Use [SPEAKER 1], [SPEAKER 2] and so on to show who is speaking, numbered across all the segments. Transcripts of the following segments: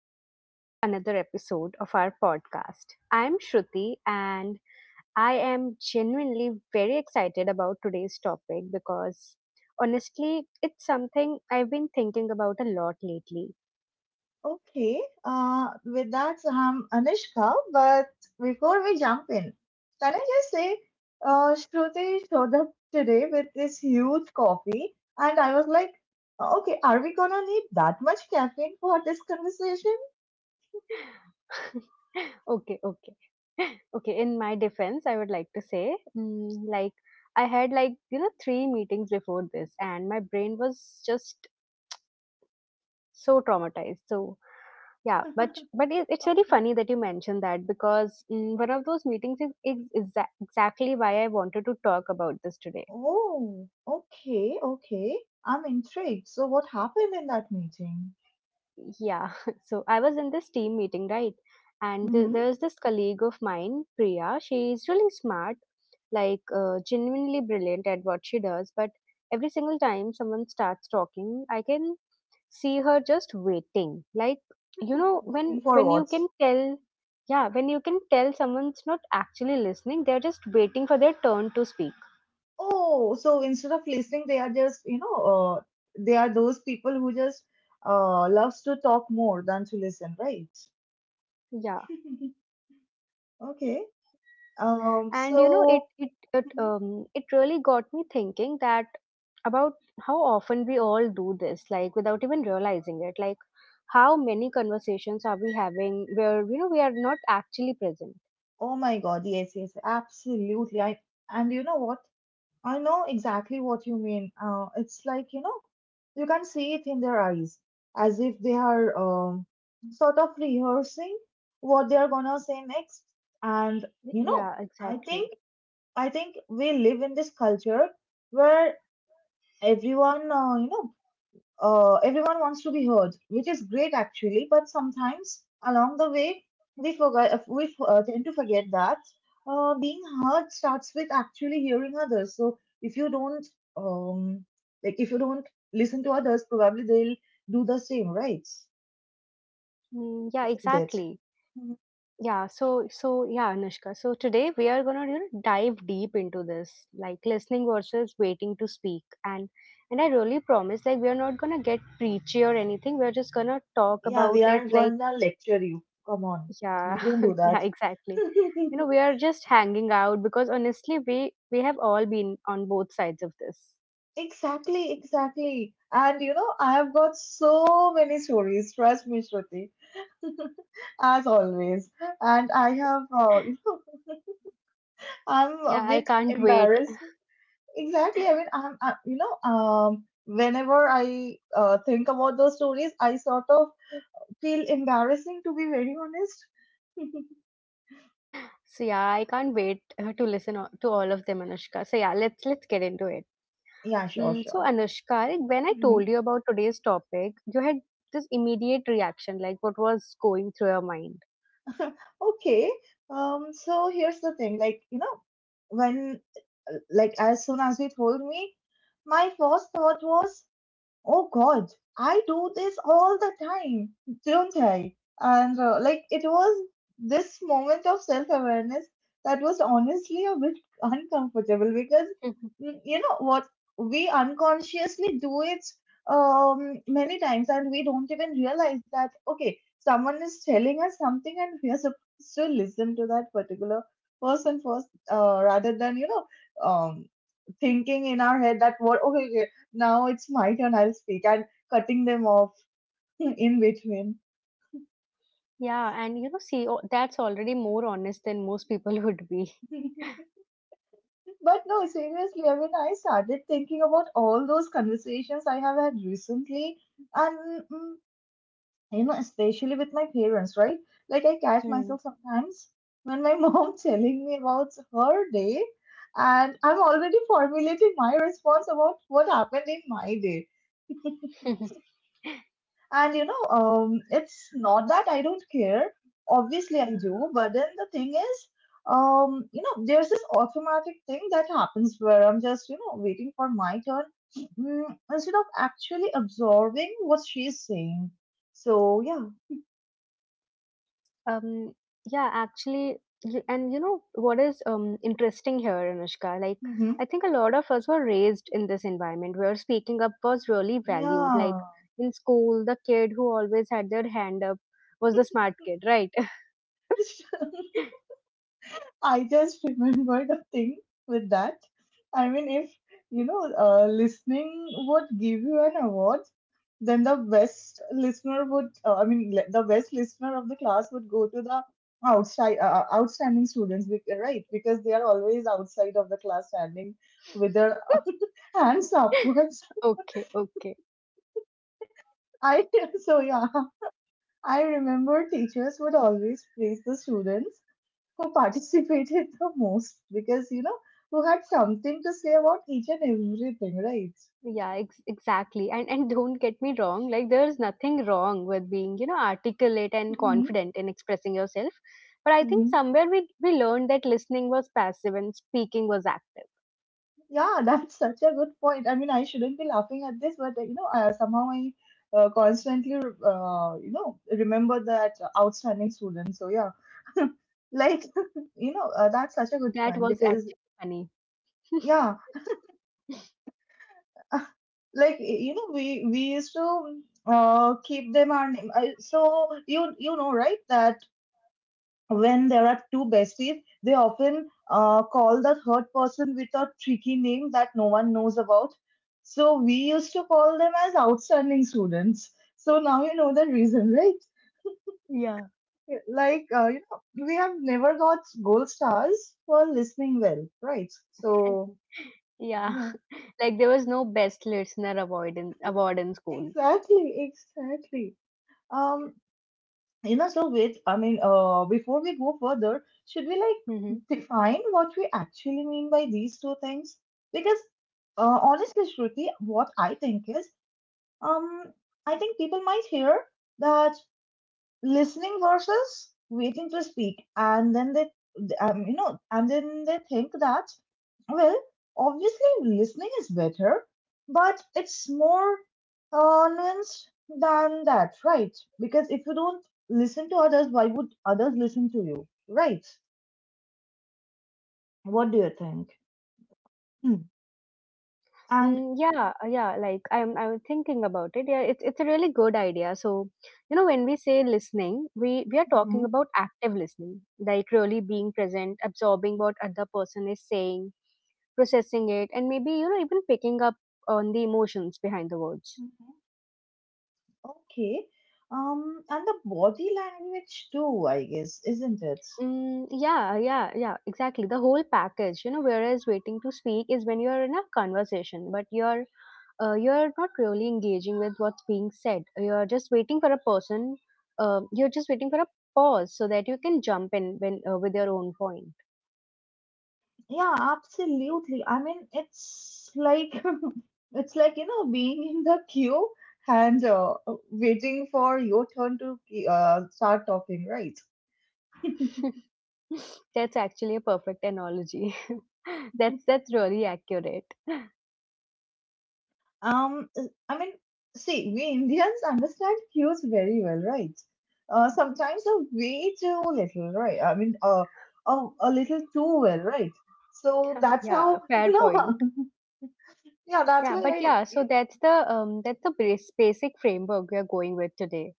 [SPEAKER 1] back to another episode of our podcast. I'm Shruti and I am genuinely very excited about today's topic because honestly, it's something I've been thinking about a lot lately.
[SPEAKER 2] Okay, with that, I'm Anishka, but before we jump in, can I just say, Shruti showed up today with this huge coffee, and I was like, okay, are we gonna need that much caffeine for this conversation?
[SPEAKER 1] Okay, okay. Okay, in my defense, I would like to say, I had three meetings before this and my brain was just so traumatized. Yeah, but but it, it's very
[SPEAKER 2] Okay.
[SPEAKER 1] funny that you mentioned that because one of those meetings is exactly why I wanted to talk about this today.
[SPEAKER 2] Oh, okay, okay. I'm intrigued. So, what happened in that meeting?
[SPEAKER 1] Yeah, so I was in this team meeting, right? And th-
[SPEAKER 2] Mm-hmm.
[SPEAKER 1] there's this colleague of mine, Priya. She's really smart, like genuinely brilliant at what she does. But every single time someone starts talking, I can see her just waiting, like, you know, when
[SPEAKER 2] Waiting for
[SPEAKER 1] when you
[SPEAKER 2] what?
[SPEAKER 1] can tell. Yeah, when you can tell someone's not actually listening, they're just waiting for their turn to speak.
[SPEAKER 2] Oh, so instead of listening, they are just, you know, uh, they are those people who just loves to talk more than to listen, right?
[SPEAKER 1] Yeah.
[SPEAKER 2] Okay. Um,
[SPEAKER 1] And you know, it
[SPEAKER 2] so,
[SPEAKER 1] it it
[SPEAKER 2] Mhm.
[SPEAKER 1] um it really got me thinking that about how often we all do this, like, without even realizing it. Like, how many conversations are we having where, you know, we are not actually present?
[SPEAKER 2] Oh my God, yes, yes, absolutely. I and you know what? I know exactly what you mean. It's like, you know, you can see it in their eyes, as if they are sort of rehearsing what they are gonna say next. And you know,
[SPEAKER 1] Yeah,
[SPEAKER 2] I
[SPEAKER 1] exactly.
[SPEAKER 2] think I think we live in this culture where everyone, everyone wants to be heard, which is great actually. But sometimes along the way, we forget, we tend to forget that being heard starts with actually hearing others. So if you don't, um, like if you don't listen to others, probably they'll do the same, right?
[SPEAKER 1] Mm, yeah,
[SPEAKER 2] Isn't it?
[SPEAKER 1] exactly.
[SPEAKER 2] Mhm.
[SPEAKER 1] Yeah, so yeah, Anushka. So today we are gonna, you know, dive deep into this, like, listening versus waiting to speak, and I really promise, like, we are not gonna get preachy or anything. We are just gonna talk
[SPEAKER 2] Yeah,
[SPEAKER 1] about
[SPEAKER 2] we
[SPEAKER 1] it,
[SPEAKER 2] aren't
[SPEAKER 1] like,
[SPEAKER 2] gonna lecture you. Come on,
[SPEAKER 1] yeah,
[SPEAKER 2] we don't do
[SPEAKER 1] yeah,
[SPEAKER 2] that.
[SPEAKER 1] exactly. You know, we are just hanging out because honestly, we have all been on both sides of this.
[SPEAKER 2] Exactly, exactly. And you know, I have got so many stories, trust me, Shruti, as always. And I have, I'm a
[SPEAKER 1] Yeah, I
[SPEAKER 2] bit
[SPEAKER 1] can't wait.
[SPEAKER 2] embarrassed. Exactly. I mean, you know, whenever I think about those stories, I sort of feel embarrassing, to be very honest.
[SPEAKER 1] So yeah, I can't wait to listen to all of them, Anushka. So yeah, let's get into it.
[SPEAKER 2] Yeah, sure,
[SPEAKER 1] Mm, so
[SPEAKER 2] sure.
[SPEAKER 1] Anushka, like, when I
[SPEAKER 2] Mhm.
[SPEAKER 1] told you about today's topic, you had this immediate reaction. Like, what was going through your mind?
[SPEAKER 2] Okay. So here's the thing, like, you know, when, like, as soon as you told me, my first thought was, oh God, I do this all the time, don't I? And like it was this moment of self-awareness that was honestly a bit uncomfortable because
[SPEAKER 1] Mhm.
[SPEAKER 2] you know what, we unconsciously do it many times and we don't even realize that, okay, someone is telling us something and we are supposed to listen to that particular person first, rather than, you know, um, thinking in our head that, what, now it's my turn, I'll speak, and cutting them off in between.
[SPEAKER 1] Yeah, and you know, see, that's already more honest than most people would be.
[SPEAKER 2] But no, seriously, I mean, I started thinking about all those conversations I have had recently, and, you know, especially with my parents, right? Like, I catch
[SPEAKER 1] Hmm.
[SPEAKER 2] myself sometimes when my mom telling me about her day, and I'm already formulating my response about what happened in my day. And you know, it's not that I don't care. Obviously, I do. But then the thing is, you know, there's this automatic thing that happens where I'm just, you know, waiting for my turn, mm, instead of actually absorbing what she's saying. So, yeah.
[SPEAKER 1] Um, yeah, actually, and you know what is interesting here, Anushka? Like,
[SPEAKER 2] Hmm.
[SPEAKER 1] I think a lot of us were raised in this environment where speaking up was really valued. Like,
[SPEAKER 2] Yeah.
[SPEAKER 1] in school, the kid who always had their hand up was the smart kid, right?
[SPEAKER 2] I just remembered a thing with that. I mean, if you know, listening would give you an award, then the best listener would, I mean, the best listener of the class would go to the outside, outstanding students, right? Because they are always outside of the class standing with their hands upwards.
[SPEAKER 1] Okay, okay.
[SPEAKER 2] I So yeah, I remember teachers would always praise the students who participated the most, because you know, who had something to say about each and everything, right?
[SPEAKER 1] Yeah, exactly. And don't get me wrong, like, there's nothing wrong with being, you know, articulate and
[SPEAKER 2] Hmm.
[SPEAKER 1] confident in expressing yourself, but I think
[SPEAKER 2] Hmm.
[SPEAKER 1] somewhere we learned that listening was passive and speaking was active.
[SPEAKER 2] Yeah. That's such a good point. I mean, I shouldn't be laughing at this but you know, somehow I constantly you know, remember that outstanding student. So yeah. Like you know, that's such a good
[SPEAKER 1] That
[SPEAKER 2] point
[SPEAKER 1] was
[SPEAKER 2] because
[SPEAKER 1] actually funny.
[SPEAKER 2] yeah, like you know we used to keep them our name, so you know, right, that when there are two besties, they often call the third person with a tricky name that no one knows about. So we used to call them as outstanding students. So now you know the reason, right?
[SPEAKER 1] Yeah.
[SPEAKER 2] Like, you know, we have never got gold stars for listening well, right?
[SPEAKER 1] And
[SPEAKER 2] So,
[SPEAKER 1] yeah,
[SPEAKER 2] yeah,
[SPEAKER 1] like there was no best listener award in school.
[SPEAKER 2] exactly, exactly. Um, You know, so wait, I mean, before we go further, should we like
[SPEAKER 1] Mm-hmm.
[SPEAKER 2] define what we actually mean by these two things? Because honestly, Shruti, what I think is, um, I think people might hear that listening versus waiting to speak, and then they, you know, and then they think that, well, obviously listening is better, but it's more nuanced than that, right? Because if you don't listen to others, why would others listen to you, right? What do you think? Hmm. And
[SPEAKER 1] Yeah. Like I'm thinking about it. Yeah, it's a really good idea. So, you know, when we say listening, we are
[SPEAKER 2] hmm.
[SPEAKER 1] talking about active listening, like really being present, absorbing what other person is saying, processing it, and maybe, you know, even picking up on the emotions behind the words.
[SPEAKER 2] Hmm. Okay. And the body language too, I guess, isn't it?
[SPEAKER 1] Yeah, exactly. The whole package. You know, whereas waiting to speak is when you are in a conversation, but you're not really engaging with what's being said. You're just waiting for a person. You're just waiting for a pause so that you can jump in with your own point.
[SPEAKER 2] Yeah, absolutely. I mean, it's like it's like you know, being in the queue and waiting for your turn to start talking, right?
[SPEAKER 1] That's actually a perfect analogy. that's that's really accurate.
[SPEAKER 2] Um, I mean, see, we Indians understand cues very well, right? Sometimes a way too little, right? I mean, a little too well, right? So that's
[SPEAKER 1] Yeah,
[SPEAKER 2] how, you
[SPEAKER 1] fair
[SPEAKER 2] know,
[SPEAKER 1] point.
[SPEAKER 2] yeah, that's
[SPEAKER 1] Yeah, but
[SPEAKER 2] why
[SPEAKER 1] yeah, so
[SPEAKER 2] I,
[SPEAKER 1] that's the basic framework we are going with today.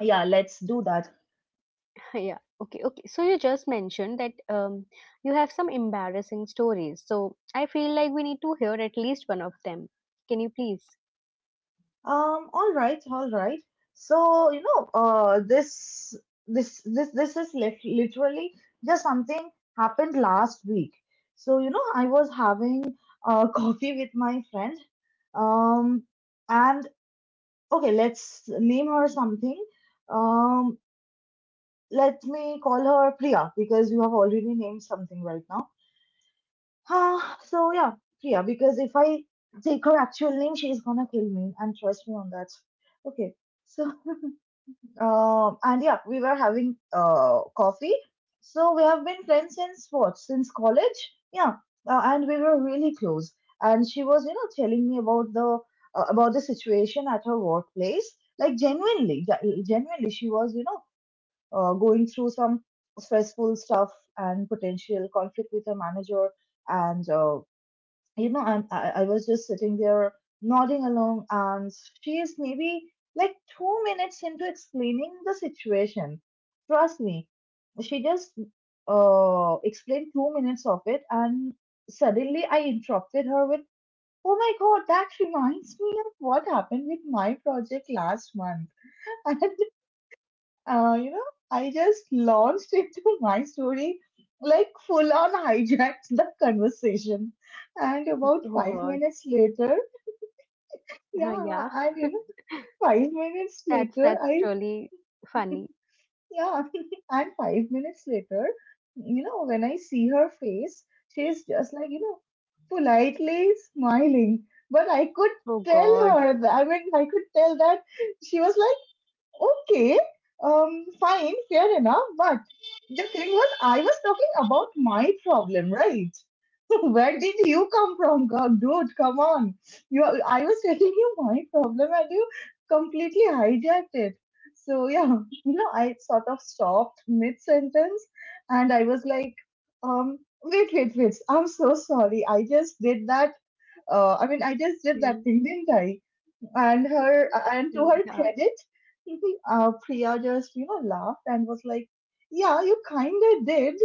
[SPEAKER 2] yeah, let's do that.
[SPEAKER 1] Yeah. Okay, okay. So you just mentioned that you have some embarrassing stories. So I feel like we need to hear at least one of them. Can you please?
[SPEAKER 2] All right, all right. So, you know, this is literally just something happened last week. So, you know, I was having coffee with my friend. Um, and okay, let's name her something. Um, Let me call her Priya because you have already named something right now. Ah, so yeah, Priya, because if I take her actual name, she's gonna kill me, and trust me on that. Okay. So and yeah, we were having coffee. So we have been friends since, what? Since college? Yeah. And we were really close. And she was, you know, telling me about the situation at her workplace. Like genuinely, genuinely, she was, you know, going through some stressful stuff and potential conflict with her manager and you know, I was just sitting there nodding along, and she is maybe like 2 minutes into explaining the situation, trust me, she just explained 2 minutes of it, and suddenly I interrupted her with, oh my God, that reminds me of what happened with my project last month. You know, I just launched into my story, like full on hijacked the conversation. And about
[SPEAKER 1] Oh
[SPEAKER 2] five
[SPEAKER 1] God.
[SPEAKER 2] minutes later, yeah,
[SPEAKER 1] Yeah,
[SPEAKER 2] and you know, 5 minutes
[SPEAKER 1] that's
[SPEAKER 2] later,
[SPEAKER 1] that's really funny.
[SPEAKER 2] yeah, and 5 minutes later, you know, when I see her face, she's just like, you know, politely smiling. But I could
[SPEAKER 1] Oh
[SPEAKER 2] tell
[SPEAKER 1] God.
[SPEAKER 2] her, that, I mean, I could tell that she was like, okay, fine, fair enough, but. The thing was, I was talking about my problem, right? Where did you come from, God, dude? Come on. You, I was telling you my problem, and you completely hijacked it. So yeah, you know, I sort of stopped mid sentence, and I was like, um, wait, wait, wait. I'm so sorry. I just did that. I mean, I just did that
[SPEAKER 1] Mm,
[SPEAKER 2] thing, didn't I? And her, and to
[SPEAKER 1] mm,
[SPEAKER 2] her
[SPEAKER 1] yeah.
[SPEAKER 2] credit, Priya just, you know, laughed and was like, yeah, you kind of did.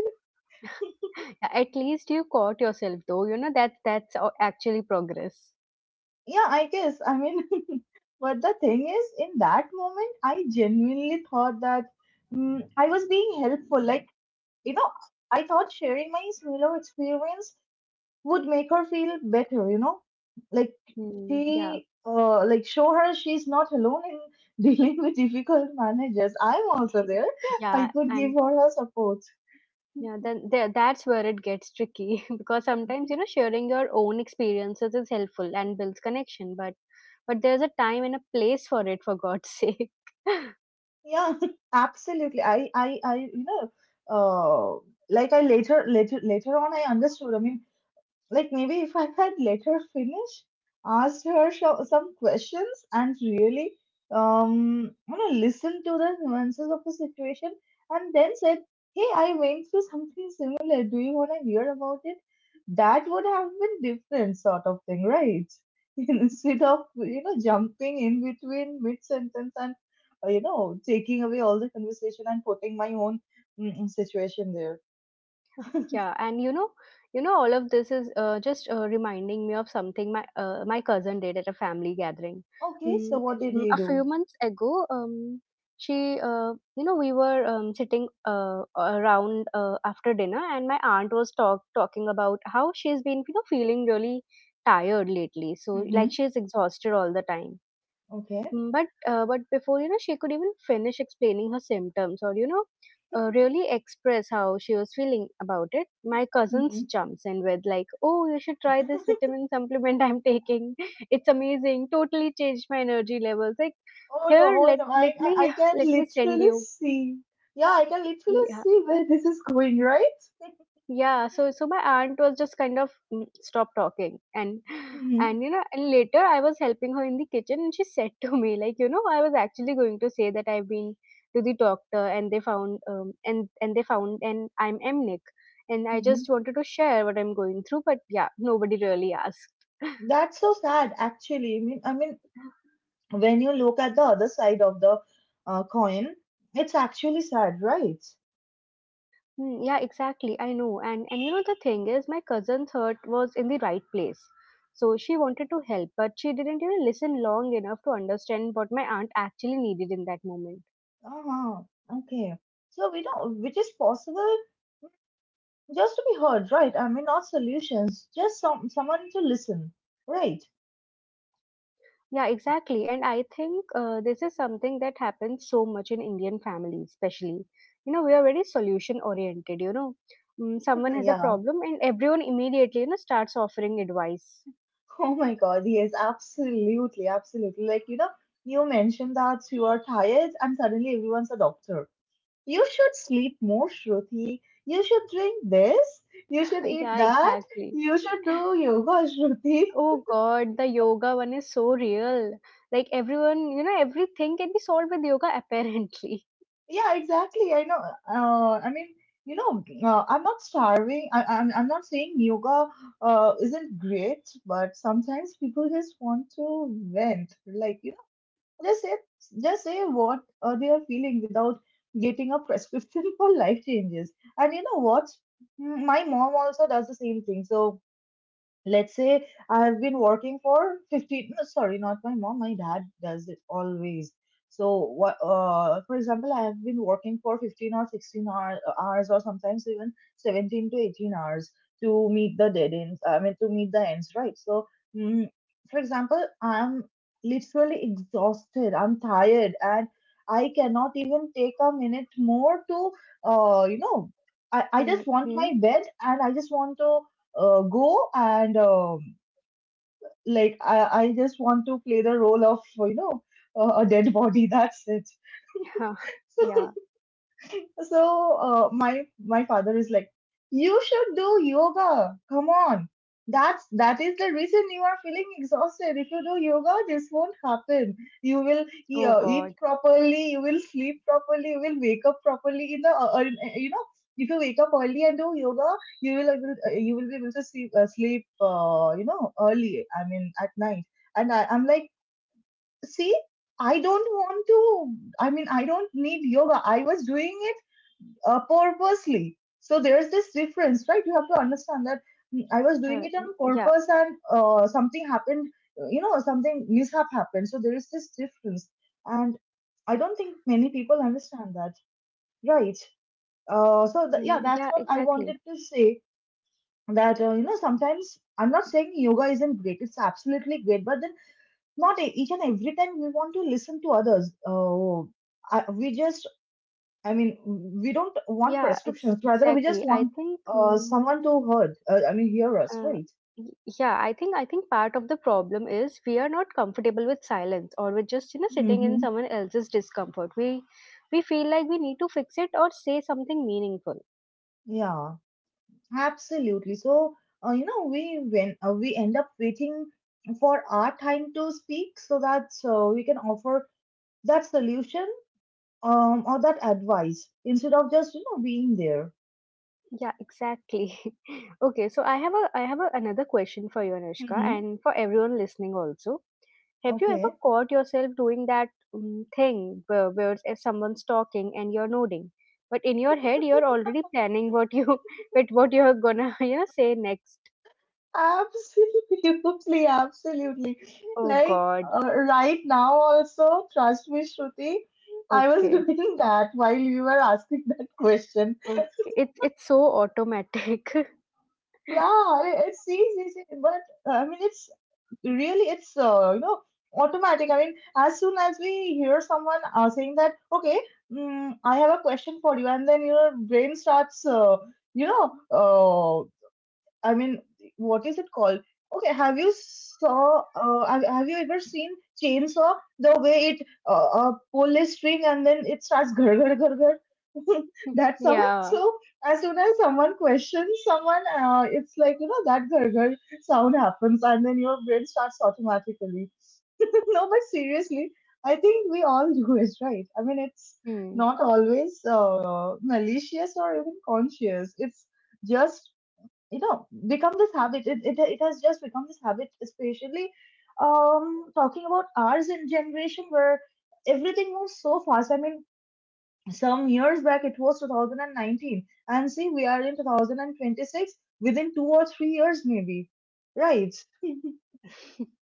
[SPEAKER 1] Yeah, at least you caught yourself though. You know that that's actually progress.
[SPEAKER 2] Yeah, I guess, I mean, but the thing is, in that moment I genuinely thought that, I was being helpful, like, you know, I thought sharing my similar experience would make her feel better, you know, like, she
[SPEAKER 1] Mm, yeah.
[SPEAKER 2] like show her she's not alone in dealing with difficult managers, I'm also there. I
[SPEAKER 1] Yeah,
[SPEAKER 2] could give
[SPEAKER 1] and
[SPEAKER 2] her support.
[SPEAKER 1] yeah, then there, that's where it gets tricky because sometimes, you know, sharing your own experiences is helpful and builds connection, but there's a time and a place for it, for God's sake.
[SPEAKER 2] Yeah, absolutely. You know, uh, like I, later on, I understood. I mean, like maybe if I had let her finish, asked her some questions, and really you know, listened to the nuances of the situation, and then said, "Hey, I went through something similar. Do you want to hear about it?" That would have been different sort of thing, right? Instead of, you know, jumping in between mid sentence and you know, taking away all the conversation and putting my own, situation there.
[SPEAKER 1] Yeah, and you know, all of this is just reminding me of something my my cousin did at a family gathering.
[SPEAKER 2] Okay, so
[SPEAKER 1] Mm,
[SPEAKER 2] what did he
[SPEAKER 1] a
[SPEAKER 2] do?
[SPEAKER 1] few months ago, she, you know, we were sitting around after dinner, and my aunt was talking about how she's been, you know, feeling really tired lately. So, like,
[SPEAKER 2] Mm-hmm.
[SPEAKER 1] she's exhausted all the time.
[SPEAKER 2] Okay.
[SPEAKER 1] But before, you know, she could even finish explaining her symptoms, or, you know, really express how she was feeling about it, my cousins
[SPEAKER 2] Mhm.
[SPEAKER 1] jumps in with like, "Oh, you should try this vitamin supplement I'm taking. It's amazing. Totally changed my energy levels." Like,
[SPEAKER 2] Oh no,
[SPEAKER 1] here,
[SPEAKER 2] oh
[SPEAKER 1] let
[SPEAKER 2] no,
[SPEAKER 1] let me
[SPEAKER 2] I can
[SPEAKER 1] let me send
[SPEAKER 2] literally
[SPEAKER 1] you.
[SPEAKER 2] see. Yeah, I can literally
[SPEAKER 1] Yeah.
[SPEAKER 2] see where this is going, right?
[SPEAKER 1] Yeah, so my aunt was just kind of stop talking, and and
[SPEAKER 2] Mm-hmm.
[SPEAKER 1] you know, and later I was helping her in the kitchen, and she said to me, like, you know, I was actually going to say that I've been to the doctor and they found and I'm amniotic, and I
[SPEAKER 2] Mm-hmm.
[SPEAKER 1] just wanted to share what I'm going through, but yeah, nobody really asked.
[SPEAKER 2] That's so sad, actually. I mean, when you look at the other side of the coin, it's actually sad, right?
[SPEAKER 1] Hmm, yeah, exactly. I know. And you know, the thing is, my cousin's heart was in the right place. So she wanted to help, but she didn't even listen long enough to understand what my aunt actually needed in that moment.
[SPEAKER 2] Uh-huh. Okay. So we don't, which is possible just to be heard, right? I mean, not solutions, just someone to listen, right?
[SPEAKER 1] Yeah, exactly. And I think this is something that happens so much in Indian families, especially. You know, we are very solution oriented, you know. Mm, someone has a
[SPEAKER 2] Yeah.
[SPEAKER 1] problem and everyone immediately, you know, starts offering advice.
[SPEAKER 2] Oh my God, yes, absolutely, absolutely. Like, you know, you mentioned that you are tired and suddenly everyone's a doctor. You should sleep more, Shruti. You should drink this. You should eat
[SPEAKER 1] Yeah,
[SPEAKER 2] that.
[SPEAKER 1] exactly.
[SPEAKER 2] You should do yoga, Shruti.
[SPEAKER 1] Oh God, the yoga one is so real. Like everyone, you know, everything can be solved with yoga apparently.
[SPEAKER 2] Yeah, exactly. I know. I mean, you know, I'm not starving. I'm not saying yoga isn't great, but sometimes people just want to vent. Like, you. Just say, just say what they are feeling without getting a prescription for life changes. And you know what? My mom also does the same thing. So let's say I have been working for 15, no, sorry, not my mom, my dad does it always. So, for example, I have been working for 15 or 16 hours or sometimes even 17 to 18 hours to meet the dead ends, I mean, to meet the ends, right? So, mm, for example, I'm literally exhausted, I'm tired, and I cannot even take a minute more to, uh, you know, I just want
[SPEAKER 1] Mm-hmm.
[SPEAKER 2] my bed and I just want to go and like I just want to play the role of a dead body. That's it.
[SPEAKER 1] Yeah.
[SPEAKER 2] So my father is like, you should do yoga. Come on, that is the reason you are feeling exhausted. If you do yoga, this won't happen. You will
[SPEAKER 1] Oh
[SPEAKER 2] eat
[SPEAKER 1] God.
[SPEAKER 2] properly. You will sleep properly. You will wake up properly. In the you know, if you wake up early and do yoga, you will be able to sleep early. I mean at night. And I'm like, see, I don't want to. I mean, I don't need yoga. I was doing purposely. So there's this difference, right? You have to understand that I was doing
[SPEAKER 1] Uh,
[SPEAKER 2] it
[SPEAKER 1] y-
[SPEAKER 2] on
[SPEAKER 1] yeah.
[SPEAKER 2] purpose and something happened, something mishap happened. So there is this difference. And I don't think many people understand that, right? So, yeah,
[SPEAKER 1] Mm,
[SPEAKER 2] that's
[SPEAKER 1] yeah,
[SPEAKER 2] what I
[SPEAKER 1] exactly.
[SPEAKER 2] wanted to say that, sometimes I'm not saying yoga isn't great, it's absolutely great, but then not each and every time we want to listen to others. We just I mean, we don't want
[SPEAKER 1] Yeah,
[SPEAKER 2] prescriptions.
[SPEAKER 1] ex
[SPEAKER 2] Rather, we just
[SPEAKER 1] exactly. I
[SPEAKER 2] want
[SPEAKER 1] think
[SPEAKER 2] someone to hurt. I mean, hear us,
[SPEAKER 1] uh,
[SPEAKER 2] right?
[SPEAKER 1] y- yeah, I think part of the problem is we are not comfortable with silence, or with just, you know, sitting in
[SPEAKER 2] Mm-hmm.
[SPEAKER 1] someone else's discomfort. We feel like we need to fix it or say something meaningful.
[SPEAKER 2] Yeah, absolutely. So, we end up waiting for our time to speak, so that we can offer that solution or that advice instead of just being there.
[SPEAKER 1] Yeah, exactly. Okay, so I have another question for you, Anushka,
[SPEAKER 2] Mm-hmm.
[SPEAKER 1] and for everyone listening also. Have you ever
[SPEAKER 2] Okay.
[SPEAKER 1] caught yourself doing that thing where if someone's talking and you're nodding, but in your head you're already planning what you but what you're gonna you know say next?
[SPEAKER 2] Absolutely, absolutely.
[SPEAKER 1] Oh
[SPEAKER 2] Like
[SPEAKER 1] God.
[SPEAKER 2] right now, also, trust me, Shruti, I was
[SPEAKER 1] Okay.
[SPEAKER 2] doing that while you were asking that question.
[SPEAKER 1] Okay. It's so automatic.
[SPEAKER 2] Yeah, it's easy, but I mean, it's really it's you know automatic. I mean, as soon as we hear someone saying that, okay, I have a question for you, and then your brain starts you know uh, I mean, what is it called? Okay, have you saw? Have have you ever seen chainsaw? The way it pull a string and then it starts ghar ghar ghar ghar. that sound.
[SPEAKER 1] Yeah.
[SPEAKER 2] So as soon as someone questions someone, it's like you know that ghar ghar sound happens, and then your brain starts automatically. no, but seriously, I think we all do it, right? I mean, it's
[SPEAKER 1] Hmm.
[SPEAKER 2] not always malicious or even conscious. It's just you know become this habit it, it, it has just become this habit especially talking about ours in generation where everything moves so fast. I mean, some years back it was 2019 and see we are in 2026 within 2 or 3 years maybe, right.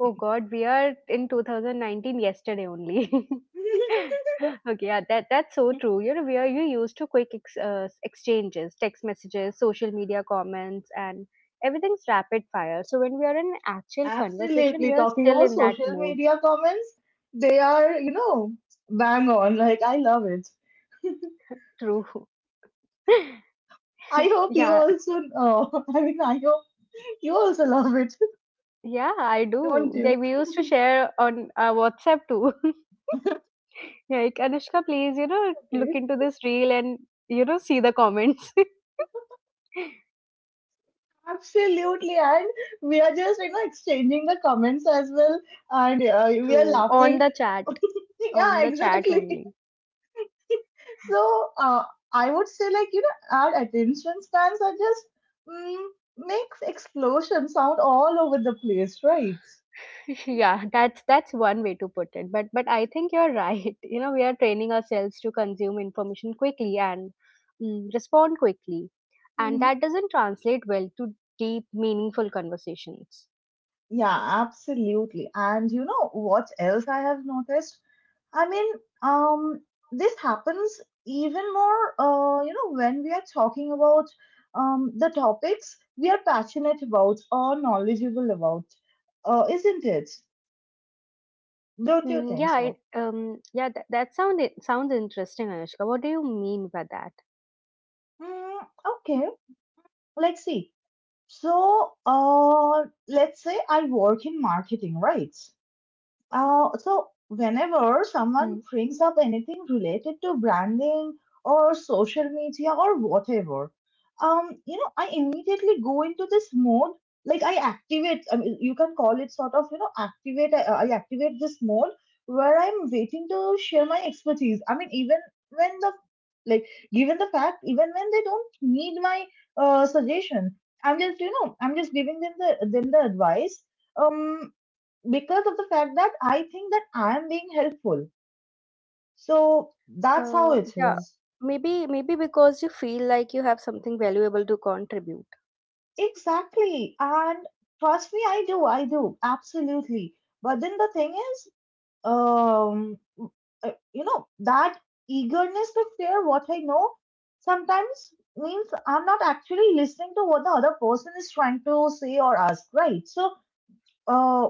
[SPEAKER 1] Oh God, we are in 2019 yesterday only. Okay, yeah, that that's so true. You know, we are you used to quick ex exchanges, text messages, social media comments, and everything's rapid fire. So when we are in actual conversation,
[SPEAKER 2] Absolutely.
[SPEAKER 1] we are
[SPEAKER 2] Talking
[SPEAKER 1] still
[SPEAKER 2] about
[SPEAKER 1] in that
[SPEAKER 2] social
[SPEAKER 1] mode.
[SPEAKER 2] media comments, they are, you know, bang on. Like, I love it.
[SPEAKER 1] True.
[SPEAKER 2] I hope you
[SPEAKER 1] Yeah,
[SPEAKER 2] also, I mean, I hope you also love it,
[SPEAKER 1] yeah, I
[SPEAKER 2] don't
[SPEAKER 1] do. Yeah,
[SPEAKER 2] you?
[SPEAKER 1] we used to share on WhatsApp too. Like, Anushka, please, you know, look
[SPEAKER 2] Okay.
[SPEAKER 1] into this reel and you know see the comments.
[SPEAKER 2] Absolutely, and we are just exchanging the comments as well, and we are
[SPEAKER 1] True. On
[SPEAKER 2] laughing.
[SPEAKER 1] the chat.
[SPEAKER 2] Yeah,
[SPEAKER 1] On the chat
[SPEAKER 2] exactly.
[SPEAKER 1] only.
[SPEAKER 2] So I would say like you know our attention spans are just mm, makes explosion sound all over the place, right?
[SPEAKER 1] Yeah, that's one way to put it, but I think you're right. You know, we are training ourselves to consume information quickly and respond quickly, and
[SPEAKER 2] Mhm.
[SPEAKER 1] that doesn't translate well to deep, meaningful conversations.
[SPEAKER 2] Yeah, absolutely. And you know what else I have noticed? I mean, um, this happens even more, when we are talking about the topics we are passionate about or knowledgeable about, isn't it? Don't you think so?
[SPEAKER 1] Yeah, that sound, it sounds interesting, Anushka. What do you mean by that?
[SPEAKER 2] Mm, okay, let's see. So, let's say I work in marketing, right? So whenever someone
[SPEAKER 1] Mm.
[SPEAKER 2] brings up anything related to branding or social media or whatever, I immediately go into this mode. Like I activate. I mean, you can call it sort of, you know, activate. I activate this mode where I'm waiting to share my expertise. I mean, even when the like, given the fact, even when they don't need my suggestion, I'm just, you know, I'm just giving them the advice. Um, because of the fact that I think that I am being helpful. So that's how it
[SPEAKER 1] Yeah,
[SPEAKER 2] is.
[SPEAKER 1] maybe maybe because you feel like you have something valuable to contribute.
[SPEAKER 2] Exactly. And trust me, I do. I do. Absolutely. But then the thing is, um, that eagerness to share what I know sometimes means I'm not actually listening to what the other person is trying to say or ask, right? Uh,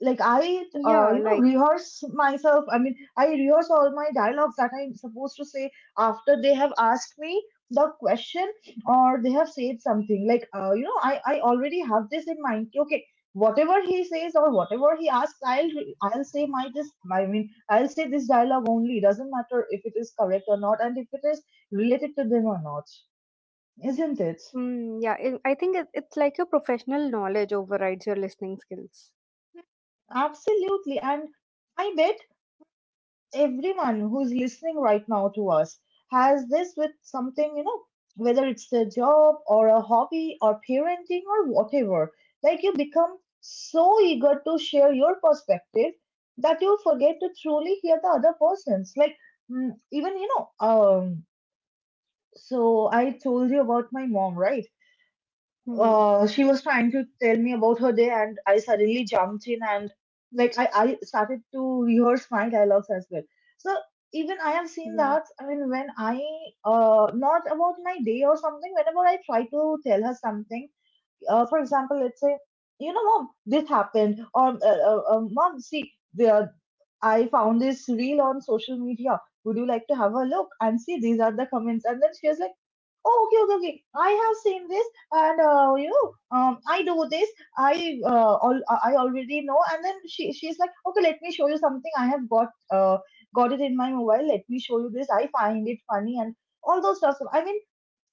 [SPEAKER 1] Yeah, like,
[SPEAKER 2] rehearse myself. I mean, I rehearse all my dialogues that I'm supposed to say after they have asked me the question or they have said something. Like, I already have this in mind. कि, okay, whatever he says or whatever he asks, I'll say my this. I mean, I'll say this dialogue only. Doesn't matter if it is correct or not, and if it is related to them or not, isn't it?
[SPEAKER 1] Yeah, I think it's like your professional knowledge overrides your listening skills.
[SPEAKER 2] Absolutely, and I bet everyone who's listening right now to us has this with something, you know, whether it's their job or a hobby or parenting or whatever. Like you become so eager to share your perspective that you forget to truly hear the other person's. Like mm, even you know, um. So I told you about my mom, right?
[SPEAKER 1] Hmm.
[SPEAKER 2] She was trying to tell me about her day, and I suddenly jumped in and I started to rehearse my dialogues as well. So even I have seen
[SPEAKER 1] Yeah.
[SPEAKER 2] that. I mean, when I not about my day or something, whenever I try to tell her something, for example, let's say, you know, mom, this happened, or mom, see, I found this reel on social media. Would you like to have a look and see? These are the comments. And then she was like, oh, okay, okay, okay. I have seen this, and I do this. I already know. And then she's like, okay, let me show you something. I have got it in my mobile. Let me show you this. I find it funny and all those stuff. So, I mean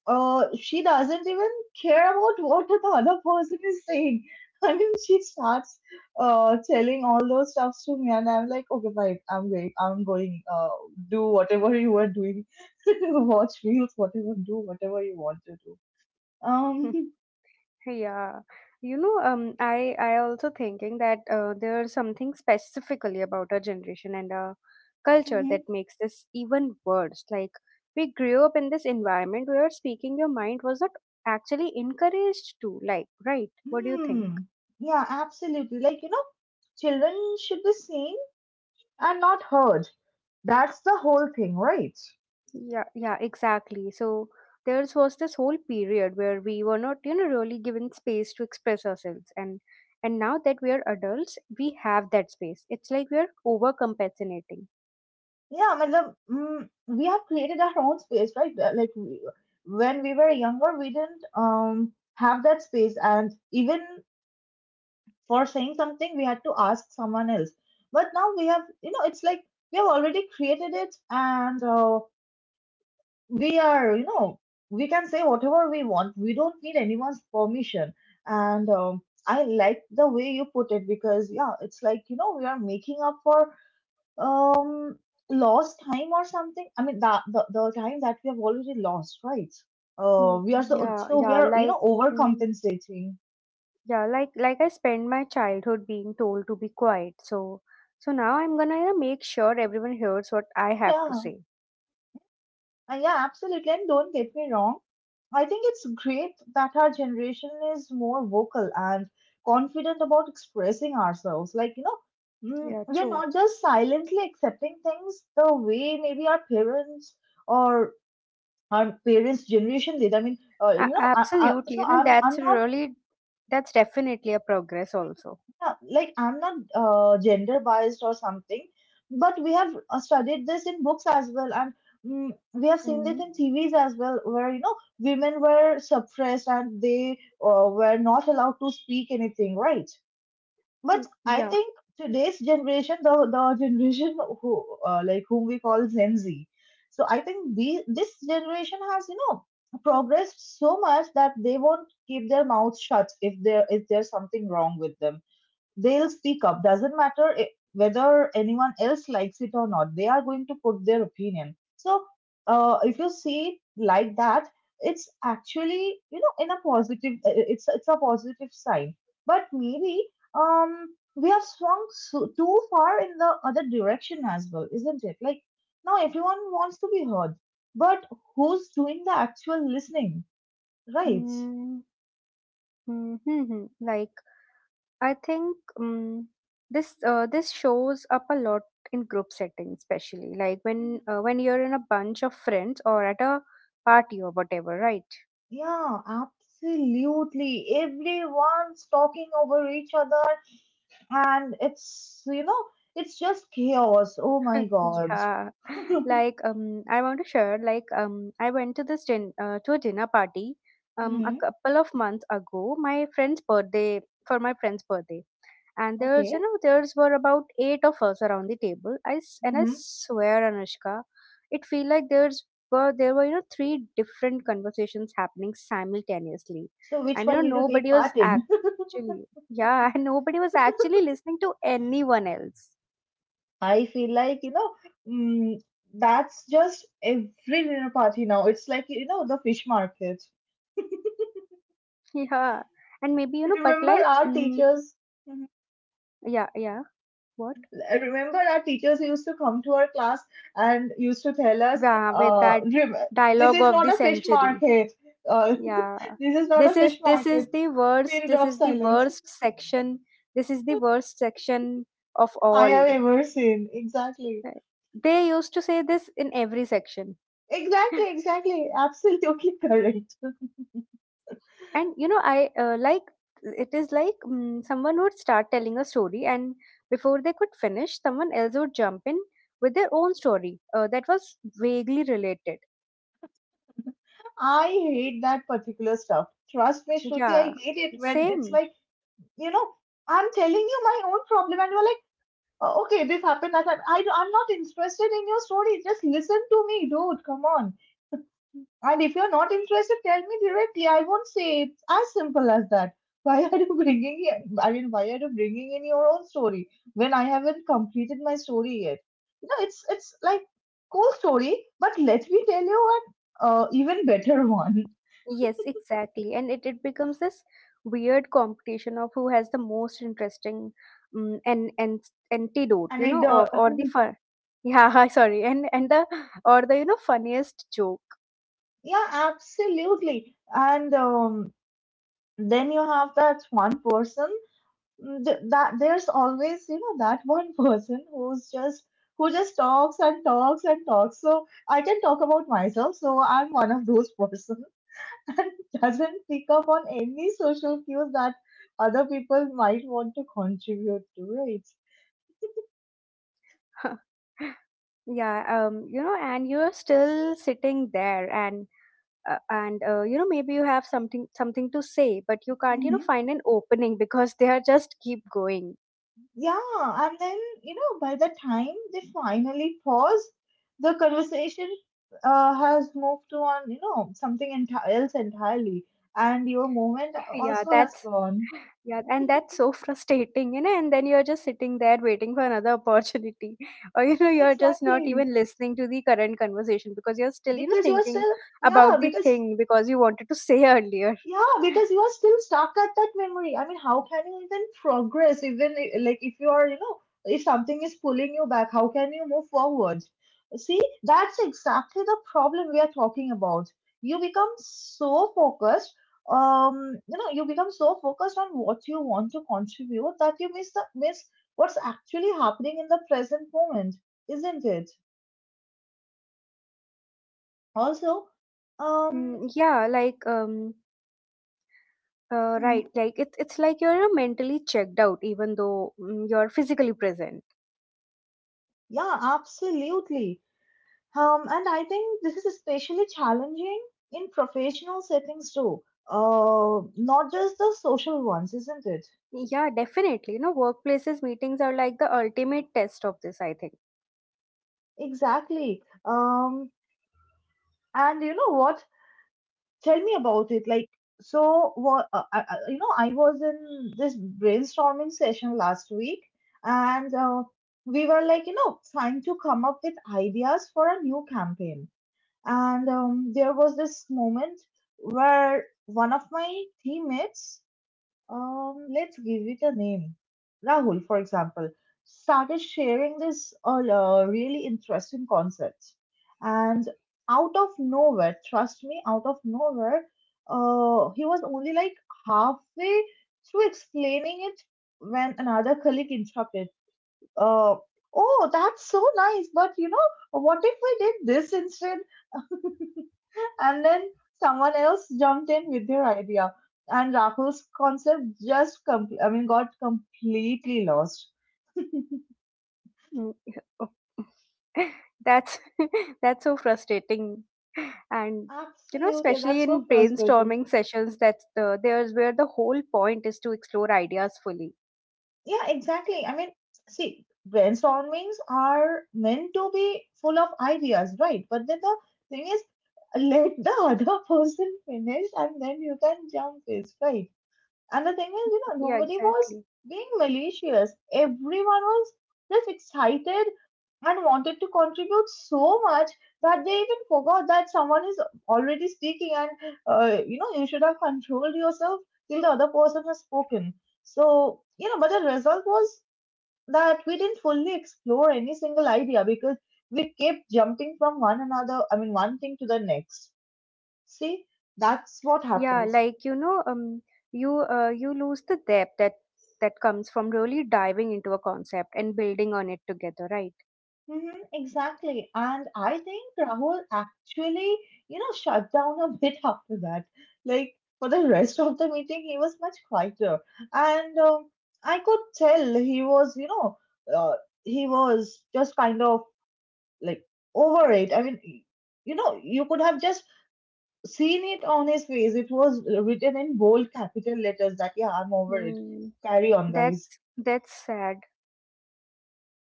[SPEAKER 2] she doesn't even care about what the other person is saying. I mean, she starts telling all those stuffs to me, and I'm like, okay, fine, I'm going, do whatever you are doing, watch reels, whatever, do whatever you want to do. Um,
[SPEAKER 1] Yeah. You know, I also thinking that there's something specifically about our generation and our culture that
[SPEAKER 2] mhm.
[SPEAKER 1] makes this even worse. Like, we grew up in this environment where speaking your mind was not actually encouraged to. Like, right? What do you think?
[SPEAKER 2] hmm, yeah, absolutely. Like, you know, children should be seen and not heard. That's the whole thing, right?
[SPEAKER 1] Yeah, yeah, exactly. So there's was this whole period where we were not, you know, really given space to express ourselves, and now that we are adults, we have that space. It's like we are overcompensating.
[SPEAKER 2] Yeah, matlab, we have created our own space, right? Like when we were younger, we didn't have that space, and even for saying something, we had to ask someone else. But now we have, you know, it's like we have already created it, and we are, you know, we can say whatever we want. We don't need anyone's permission. And I like the way you put it because, yeah, it's like you know we are making up for um lost time or something. I mean the time that we have already lost, right.
[SPEAKER 1] Mm,
[SPEAKER 2] We are
[SPEAKER 1] yeah,
[SPEAKER 2] so we
[SPEAKER 1] yeah,
[SPEAKER 2] are you
[SPEAKER 1] like,
[SPEAKER 2] know
[SPEAKER 1] mm,
[SPEAKER 2] overcompensating.
[SPEAKER 1] like I spent my childhood being told to be quiet. So so now I'm gonna, you know, make sure everyone hears what I have to
[SPEAKER 2] Yeah.
[SPEAKER 1] say.
[SPEAKER 2] Yeah, absolutely, and don't get me wrong, I think it's great that our generation is more vocal and confident about expressing ourselves like you know
[SPEAKER 1] Yeah,
[SPEAKER 2] we are
[SPEAKER 1] true.
[SPEAKER 2] not just silently accepting things the way maybe our parents or our parents generation did. I mean you know I,
[SPEAKER 1] Absolutely.
[SPEAKER 2] so
[SPEAKER 1] You know,
[SPEAKER 2] i'm
[SPEAKER 1] that's
[SPEAKER 2] i'm not.
[SPEAKER 1] really that's definitely a progress also.
[SPEAKER 2] Yeah, like I'm not gender biased or something, but we have studied this in books as well, and we have seen this in TVs as well, where you know women were suppressed and they were not allowed to speak anything, right? But
[SPEAKER 1] Mm,
[SPEAKER 2] I
[SPEAKER 1] yeah.
[SPEAKER 2] think today's generation, the generation whom we call Gen Z, so I think the this generation has, you know, progressed so much that they won't keep their mouths shut if there if there's something wrong with them. They'll speak up, doesn't matter, whether anyone else likes it or not, they are going to put their opinion. So if you see it like that, it's actually, you know, in a positive it's a positive sign. But maybe um we have swung too far in the other direction as well, isn't it? Like now everyone wants to be heard, but who's doing the actual listening, right?
[SPEAKER 1] Mm, hmm. Like, I think this this shows up a lot in group settings, especially like when you're in a bunch of friends or at a party or whatever, right?
[SPEAKER 2] Yeah, absolutely. Everyone's talking over each other, and it's, you know, it's just chaos. Oh my God.
[SPEAKER 1] Yeah. Like, I want to share. Like, I went to this to a dinner party a
[SPEAKER 2] Hmm.
[SPEAKER 1] couple of months ago. My friend's birthday For my friend's birthday, and there's you
[SPEAKER 2] Okay.
[SPEAKER 1] know there's were about eight of us around the table, and I
[SPEAKER 2] Hmm.
[SPEAKER 1] swear, Anushka, it feel like there were, three different conversations happening simultaneously.
[SPEAKER 2] So, which
[SPEAKER 1] And you know
[SPEAKER 2] one did you take
[SPEAKER 1] nobody was
[SPEAKER 2] part in?
[SPEAKER 1] actually Yeah, and nobody was actually listening to anyone else.
[SPEAKER 2] I feel like, you know, mm, that's just every dinner party now. It's like, you know, the fish market.
[SPEAKER 1] Yeah. And maybe, you know, but
[SPEAKER 2] Remember
[SPEAKER 1] like,
[SPEAKER 2] our teachers? Mm-hmm.
[SPEAKER 1] yeah, yeah. What?
[SPEAKER 2] I remember our teachers used to come to our class and used to tell us,
[SPEAKER 1] Yeah, with that
[SPEAKER 2] "Rem- this
[SPEAKER 1] dialogue
[SPEAKER 2] is
[SPEAKER 1] of
[SPEAKER 2] not
[SPEAKER 1] the
[SPEAKER 2] a fish
[SPEAKER 1] century.
[SPEAKER 2] market. Uh,
[SPEAKER 1] Yeah.
[SPEAKER 2] this is not
[SPEAKER 1] This
[SPEAKER 2] a
[SPEAKER 1] is
[SPEAKER 2] fish
[SPEAKER 1] this is
[SPEAKER 2] market.
[SPEAKER 1] the worst
[SPEAKER 2] Pin
[SPEAKER 1] this
[SPEAKER 2] drop
[SPEAKER 1] is the
[SPEAKER 2] silence
[SPEAKER 1] worst section. This is the worst section of
[SPEAKER 2] I
[SPEAKER 1] all.
[SPEAKER 2] have ever seen. Exactly.
[SPEAKER 1] Right. They used to say this in every section.
[SPEAKER 2] Exactly, exactly. Absolutely correct.
[SPEAKER 1] And you know, I like, it is like, someone would start telling a story, and before they could finish, someone else would jump in with their own story, that was vaguely related.
[SPEAKER 2] I hate that particular stuff. Trust me, Shruti, I
[SPEAKER 1] Yeah,
[SPEAKER 2] hate it when it's
[SPEAKER 1] same.
[SPEAKER 2] like, you know, I'm telling you my own problem and you're like, "Oh, okay, this happened, that happened. I'm not interested in your story. Just listen to me, dude. Come on. And if you're not interested, tell me directly. I won't say it. It's as simple as that. Why are you bringing in? I mean, why are you bringing in your own story when I haven't completed my story yet? You know, it's like cool story, but let me tell you an even better one.
[SPEAKER 1] Yes, exactly. And it becomes this weird competition of who has the most interesting, and antidote, you know, of
[SPEAKER 2] Anecdote.
[SPEAKER 1] or the fun. Yeah, sorry, and the, or the, you know, funniest joke.
[SPEAKER 2] Yeah, absolutely. And then you have that one person. That there's always, you know, that one person who's just, who just talks and talks and talks, so I can talk about myself, so I'm one of those person and doesn't pick up on any social cues that other people might want to contribute to, right?
[SPEAKER 1] Yeah, you know, and you're still sitting there, and you know, maybe you have something to say, but you can't, you know,
[SPEAKER 2] Hmm.
[SPEAKER 1] find an opening because they are just keep going.
[SPEAKER 2] Yeah, and then, you know, by the time they finally pause, the conversation has moved to on, you know, something else entirely, and your moment
[SPEAKER 1] Yeah,
[SPEAKER 2] also has
[SPEAKER 1] that's
[SPEAKER 2] gone.
[SPEAKER 1] yeah, and that's so frustrating, you know. And then you're just sitting there waiting for another opportunity, or, you know, you're just not
[SPEAKER 2] Exactly.
[SPEAKER 1] even listening to the current conversation because you're still, you know,
[SPEAKER 2] Because you're
[SPEAKER 1] thinking
[SPEAKER 2] still, yeah,
[SPEAKER 1] about the
[SPEAKER 2] because,
[SPEAKER 1] thing because you wanted to say earlier.
[SPEAKER 2] yeah, because you are still stuck at that memory. I mean, how can you even progress, even like if you are, you know, if something is pulling you back, how can you move forward? See, that's exactly the problem we are talking about. You become so focused, um, you know, you become so focused on what you want to contribute that you miss what's actually happening in the present moment, isn't it? Also, um,
[SPEAKER 1] Mm, yeah, like,
[SPEAKER 2] mhm.
[SPEAKER 1] right, like it's like you're, mentally checked out, even though, you're physically present.
[SPEAKER 2] Yeah, absolutely. And I think this is especially challenging in professional settings too, not just the social ones, isn't it?
[SPEAKER 1] Yeah, definitely. You know, workplaces meetings are like the ultimate test of this, I think.
[SPEAKER 2] Exactly. And you know what? Tell me about it. Like, so what? You know, I was in this brainstorming session last week, and we were like, you know, trying to come up with ideas for a new campaign. And there was this moment where one of my teammates, let's give it a name, Rahul, for example, started sharing this really interesting concept. And out of nowhere, trust me, out of nowhere, he was only like halfway through explaining it when another colleague interrupted. Uh, oh, that's so nice, but you know, what if we did this instead? And then someone else jumped in with their idea, and Rahul's concept just I mean got completely lost.
[SPEAKER 1] Mm, oh, that's that's so frustrating, and you know,
[SPEAKER 2] Absolutely,
[SPEAKER 1] especially
[SPEAKER 2] that's
[SPEAKER 1] in
[SPEAKER 2] so frustrating.
[SPEAKER 1] brainstorming sessions, that's the there's where the whole point is to explore ideas fully.
[SPEAKER 2] Yeah, exactly. I mean, see, brainstormings are meant to be full of ideas, right? But then the thing is, let the other person finish, and then you can jump this, right? And the thing is, you know,
[SPEAKER 1] Yeah,
[SPEAKER 2] nobody was
[SPEAKER 1] exactly.
[SPEAKER 2] being malicious. Everyone was just excited and wanted to contribute so much that they even forgot that someone is already speaking and, you know, you should have controlled yourself till the other person has spoken. So, you know, but the result was that we didn't fully explore any single idea because we kept jumping from one another, I mean, one thing to the next. See, that's what
[SPEAKER 1] Yeah,
[SPEAKER 2] happens.
[SPEAKER 1] like, you know, you lose the depth that comes from really diving into a concept and building on it together, right?
[SPEAKER 2] Mm-hmm, exactly. And I think Rahul actually, you know, shut down a bit after that. Like, for the rest of the meeting, he was much quieter. And I could tell he was, you know, uh, he was just kind of like over it. I mean, you know, you could have just seen it on his face. It was written in bold capital letters that, yeah, I'm over it.
[SPEAKER 1] Mm,
[SPEAKER 2] Carry on,
[SPEAKER 1] that's
[SPEAKER 2] guys.
[SPEAKER 1] that's sad.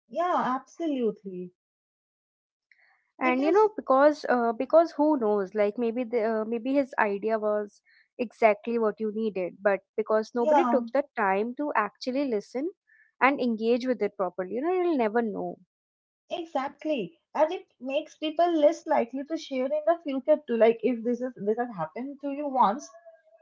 [SPEAKER 2] Yeah, absolutely.
[SPEAKER 1] And, you
[SPEAKER 2] Because,
[SPEAKER 1] know, because, because who knows, like maybe the, maybe his idea was exactly what you needed, but because nobody
[SPEAKER 2] yeah.
[SPEAKER 1] took the time to actually listen and engage with it properly, you know, you'll never know.
[SPEAKER 2] Exactly. And it makes people less likely to share in the future too. Like if this has happened to you once,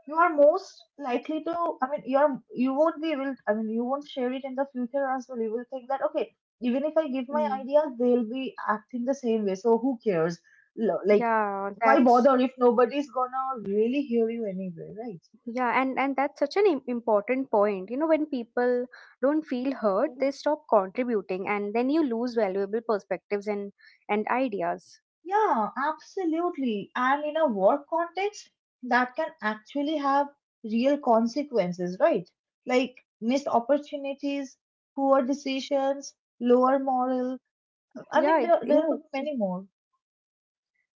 [SPEAKER 2] you are most likely to, I mean you won't be able, I mean you won't share it in the future as well. You will think that, okay, even if I give my
[SPEAKER 1] Mm.
[SPEAKER 2] ideas, they'll be acting the same way. So who cares? Like,
[SPEAKER 1] yeah
[SPEAKER 2] why
[SPEAKER 1] that's
[SPEAKER 2] bother if nobody's gonna really hear you anyway, right?
[SPEAKER 1] yeah. And that's such an important point, you know. When people don't feel heard, they stop contributing, and then you lose valuable perspectives and ideas.
[SPEAKER 2] Yeah, absolutely. And in a work context, that can actually have real consequences, right? Like missed opportunities, poor decisions, lower moral. I mean,
[SPEAKER 1] Yeah,
[SPEAKER 2] there Yes. could be Yes. many more.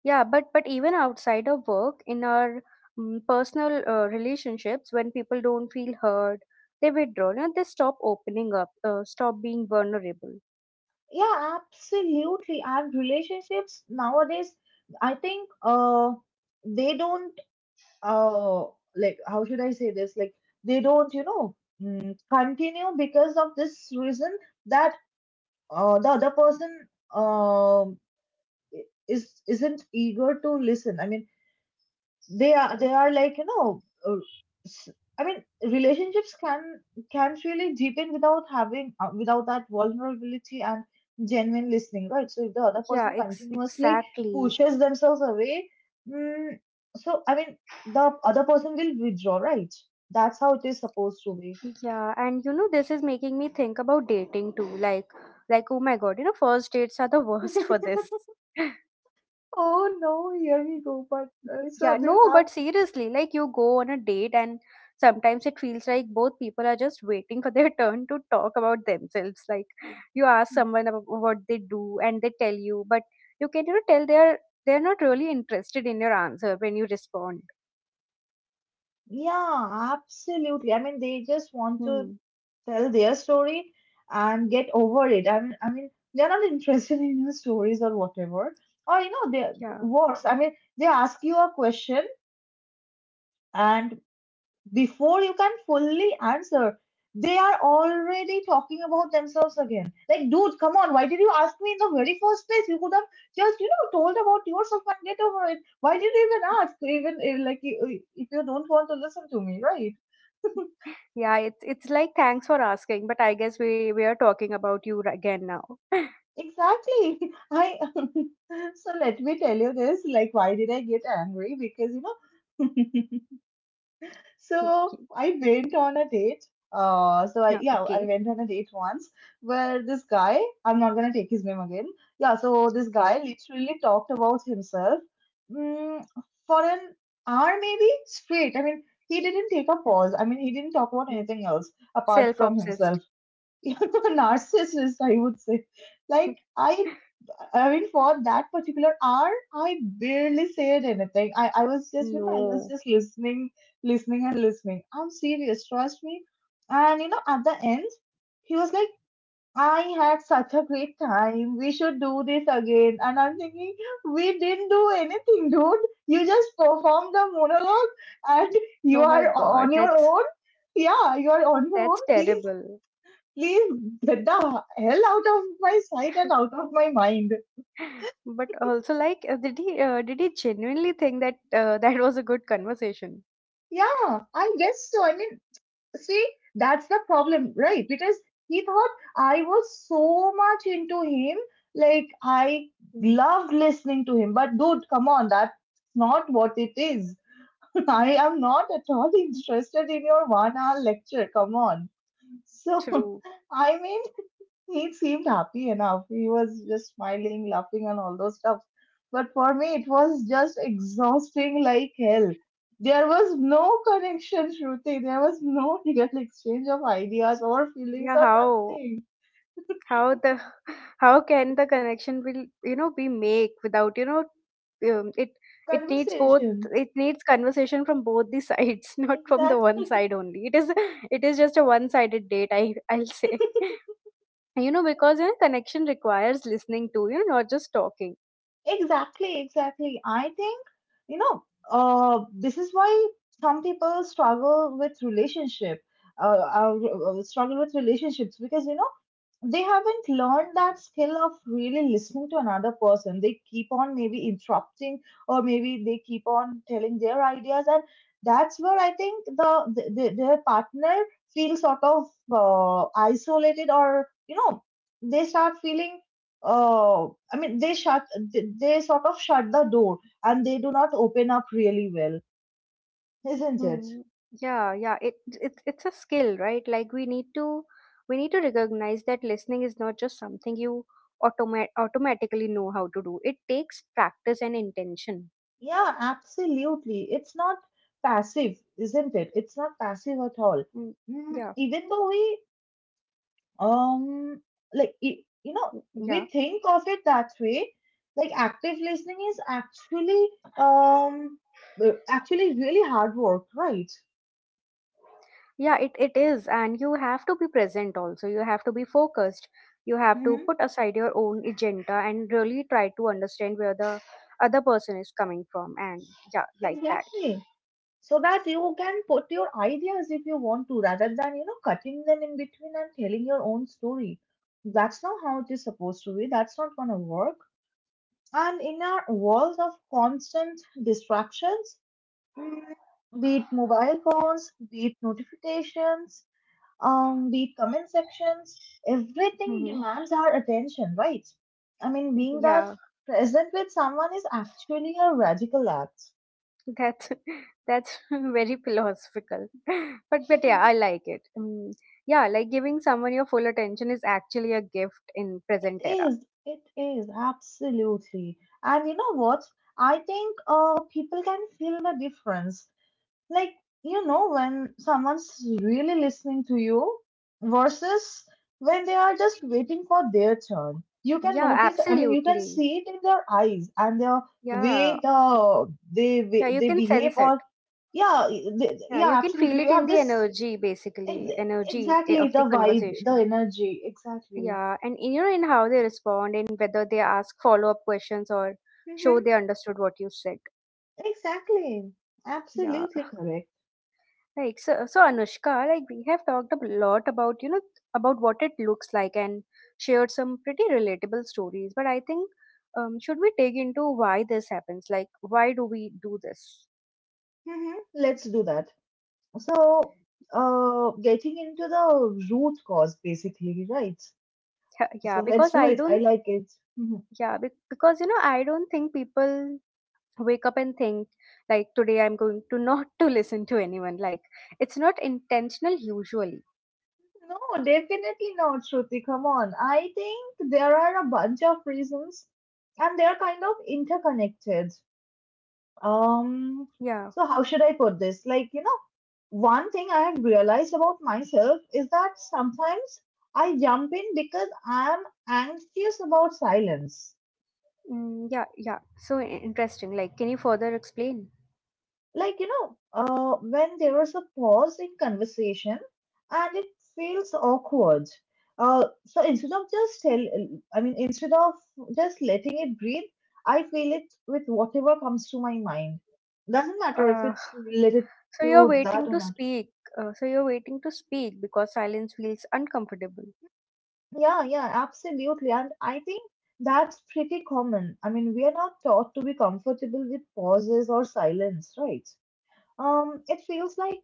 [SPEAKER 1] yeah, but even outside of work, in our, personal, relationships, when people don't feel heard, they withdraw. Now they stop opening up, stop being vulnerable.
[SPEAKER 2] Yeah, absolutely. And relationships nowadays, I think, they don't, uh, like, how should I say this? Like, they don't, you know, continue because of this reason, that the other person um, is isn't eager to listen. I mean, they are like, you know, s- I mean, relationships can really deepen without having without that vulnerability and genuine listening, right? So if the other
[SPEAKER 1] Yeah,
[SPEAKER 2] person continuously
[SPEAKER 1] exactly.
[SPEAKER 2] pushes themselves away, mm, so I mean, the other person will withdraw, right? That's how it is supposed to be.
[SPEAKER 1] Yeah, and you know, this is making me think about dating too. Like, oh my god, you know, first dates are the worst for this.
[SPEAKER 2] Oh no, here we go. But so
[SPEAKER 1] Yeah,
[SPEAKER 2] do you
[SPEAKER 1] no,
[SPEAKER 2] have
[SPEAKER 1] but seriously, like, you go on a date and sometimes it feels like both people are just waiting for their turn to talk about themselves. Like, you ask someone about what they do and they tell you, but you can, you know, tell they're not really interested in your answer when you respond.
[SPEAKER 2] Yeah, absolutely. I mean, they just want to
[SPEAKER 1] Hmm.
[SPEAKER 2] tell their story and get over it. I mean, they're not interested in your stories or whatever. Or you know, they
[SPEAKER 1] Yeah.
[SPEAKER 2] worse. I mean, they ask you a question, and before you can fully answer, they are already talking about themselves again. Like, dude, come on, why did you ask me in the very first place? You could have just, you know, told about yourself and get over it. Why did you even ask? Even if, like, if you don't want to listen to me, right?
[SPEAKER 1] Yeah, it's like, thanks for asking, but I guess we are talking about you, again now.
[SPEAKER 2] Exactly. I so let me tell you this, like why did I get angry? Because you know, so I went on a date. So I,
[SPEAKER 1] Yeah,
[SPEAKER 2] yeah, I
[SPEAKER 1] okay.
[SPEAKER 2] went on a date once where this guy, I'm not gonna take his name again. Yeah, so this guy
[SPEAKER 1] Okay.
[SPEAKER 2] literally talked about himself, mm, for an hour maybe straight. I mean, he didn't take a
[SPEAKER 1] Hmm,
[SPEAKER 2] pause. I mean, he didn't talk about
[SPEAKER 1] hmm.
[SPEAKER 2] anything else apart from
[SPEAKER 1] Self-obsessed.
[SPEAKER 2] himself. You know, a narcissist, I would say. Like I I mean, for that particular hour, I barely said anything. I was just, you know, I was
[SPEAKER 1] No.
[SPEAKER 2] just listening, listening and listening. I'm serious, trust me. And, you know, at the end, he was like, I had such a great time. We should do this again. And I'm thinking, we didn't do anything, dude. You just performed the monologue and you
[SPEAKER 1] Oh my
[SPEAKER 2] are
[SPEAKER 1] God,
[SPEAKER 2] on your own. Yeah, you are on your own.
[SPEAKER 1] that's
[SPEAKER 2] Please,
[SPEAKER 1] terrible.
[SPEAKER 2] please get the hell out of my sight and out of my mind.
[SPEAKER 1] But also, like, did he genuinely think that, that was a good conversation?
[SPEAKER 2] Yeah, I guess so. I mean, see, that's the problem, right? Because he thought I was so much into him, like I
[SPEAKER 1] Mm.
[SPEAKER 2] loved listening to him. But dude, come on, that's not what it is. I am not at all interested in your 1 hour lecture. Come on. So,
[SPEAKER 1] True.
[SPEAKER 2] I mean, he seemed happy enough. He was just smiling, laughing, and all those stuff. But for me, it was just exhausting like hell. There was no connection, Shruti. There was no real exchange of ideas or feelings
[SPEAKER 1] Yeah.
[SPEAKER 2] or nothing.
[SPEAKER 1] How the how can the connection, will, you know, be make without, you know, um, it it needs both,
[SPEAKER 2] Conversation.
[SPEAKER 1] it needs conversation from both the sides, not from the one
[SPEAKER 2] Exactly.
[SPEAKER 1] side only. It is just a one sided date. I'll say. You know, because, you know, connection requires listening too. You know, not just talking.
[SPEAKER 2] Exactly. Exactly. I think, you know, this is why some people struggle with relationship. Uh, uh, struggle with relationships because you know they haven't learned that skill of really listening to another person. They keep on maybe interrupting, or maybe they keep on telling their ideas, and that's where I think the their partner feels sort of, isolated, or you know, they start feeling. Uh, I mean, they sort of shut the door, and they do not open up really well, isn't it?
[SPEAKER 1] Hmm. Yeah, yeah. It's a skill, right? Like, we need to recognize that listening is not just something you automatically know how to do. It takes practice and intention.
[SPEAKER 2] Yeah, absolutely. It's not passive, isn't it? It's not passive at all.
[SPEAKER 1] Mm,
[SPEAKER 2] Mm,
[SPEAKER 1] yeah,
[SPEAKER 2] even though we, um, like, you know,
[SPEAKER 1] yeah,
[SPEAKER 2] we think of it that way, like, active listening is actually, um, actually really hard work, right?
[SPEAKER 1] yeah. It is, and you have to be present also. You have to be focused. You have to
[SPEAKER 2] Mm-hmm.
[SPEAKER 1] put aside your own agenda and really try to understand where the other person is coming from, and yeah, like that.
[SPEAKER 2] Exactly. So that you can put your ideas if you want to, rather than, cutting them in between and telling your own story. That's not how it is supposed to be. That's not gonna work. And in our world of constant distractions, mm, be it mobile phones, be it notifications, be it comment sections, everything
[SPEAKER 1] Mm-hmm.
[SPEAKER 2] demands our attention, right? I mean, being that
[SPEAKER 1] Yeah,
[SPEAKER 2] present with someone is actually a radical act.
[SPEAKER 1] That's that's very philosophical, but yeah, I like it. Mm, yeah, like, giving someone your full attention is actually a gift in
[SPEAKER 2] It
[SPEAKER 1] present era.
[SPEAKER 2] is. It is absolutely. And you know what? I think people can feel the difference, like you know, when someone's really listening to you versus when they are just waiting for their turn, you can
[SPEAKER 1] Yeah,
[SPEAKER 2] notice, I mean, you can
[SPEAKER 1] absolutely.
[SPEAKER 2] see it in their eyes and their
[SPEAKER 1] Yeah,
[SPEAKER 2] way
[SPEAKER 1] yeah, you
[SPEAKER 2] they
[SPEAKER 1] can
[SPEAKER 2] behave,
[SPEAKER 1] sense it.
[SPEAKER 2] or yeah, they,
[SPEAKER 1] Yeah,
[SPEAKER 2] yeah,
[SPEAKER 1] you can feel
[SPEAKER 2] absolutely,
[SPEAKER 1] it
[SPEAKER 2] you
[SPEAKER 1] in
[SPEAKER 2] have
[SPEAKER 1] the
[SPEAKER 2] this
[SPEAKER 1] energy, basically,
[SPEAKER 2] exactly,
[SPEAKER 1] of the
[SPEAKER 2] the vibe, the
[SPEAKER 1] conversation.
[SPEAKER 2] energy, exactly.
[SPEAKER 1] Yeah, and you know, in how they respond, in whether they ask follow up questions or
[SPEAKER 2] Hmm.
[SPEAKER 1] show they understood what you said.
[SPEAKER 2] Exactly.
[SPEAKER 1] Yeah.
[SPEAKER 2] Absolutely correct.
[SPEAKER 1] Right. So, Anushka, like, we have talked a lot about, you know, about what it looks like and shared some pretty relatable stories. But I think, should we dig into why this happens? Like, why do we do this?
[SPEAKER 2] Hmm. Let's do that. So, getting into the root cause, basically, right?
[SPEAKER 1] Yeah, yeah,
[SPEAKER 2] So let's do it. I like it. Mhm.
[SPEAKER 1] because, you know, I don't think people wake up and think, like, today I'm going to not to listen to anyone. Like, it's not intentional usually.
[SPEAKER 2] No, definitely not, Shruti. Come on. I think there are a bunch of reasons, and they're kind of interconnected. Um,
[SPEAKER 1] Yeah.
[SPEAKER 2] so how should I put this? Like, you know, one thing I have realized about myself is that sometimes I jump in because I'm anxious about silence,
[SPEAKER 1] Mm, yeah, yeah. So, interesting. Like, can you further explain?
[SPEAKER 2] like, you know, when there is a pause in conversation and it feels awkward. So instead of just letting it breathe, I feel it with whatever comes to my mind, doesn't matter if
[SPEAKER 1] Uh,
[SPEAKER 2] it's related
[SPEAKER 1] so you're
[SPEAKER 2] to that
[SPEAKER 1] waiting
[SPEAKER 2] or
[SPEAKER 1] to
[SPEAKER 2] not.
[SPEAKER 1] speak. So you're waiting to speak because silence feels uncomfortable.
[SPEAKER 2] Yeah, yeah, absolutely. And I think that's pretty common. I mean, we are not taught to be comfortable with pauses or silence, right? Um, it feels like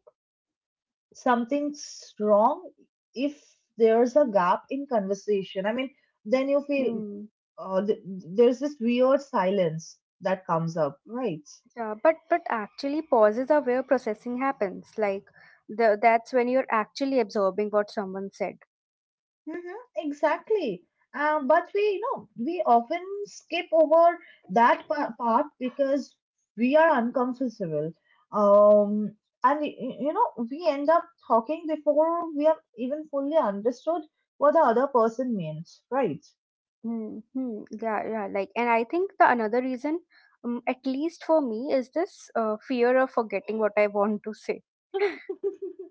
[SPEAKER 2] something's wrong if there's a gap in conversation. I mean, then you feel
[SPEAKER 1] Hmm.
[SPEAKER 2] there's this weird silence that comes up, right?
[SPEAKER 1] Yeah, but actually pauses are where processing happens. Like, that's when you're actually absorbing what someone said.
[SPEAKER 2] Mm-hmm, exactly. But we, you know, we often skip over that part because we are uncomfortable. Um, and, you know, we end up talking before we have even fully understood what the other person means, right?
[SPEAKER 1] Mm-hmm. Yeah, yeah. Like, and I think the another reason, at least for me, is this, fear of forgetting what I want to say.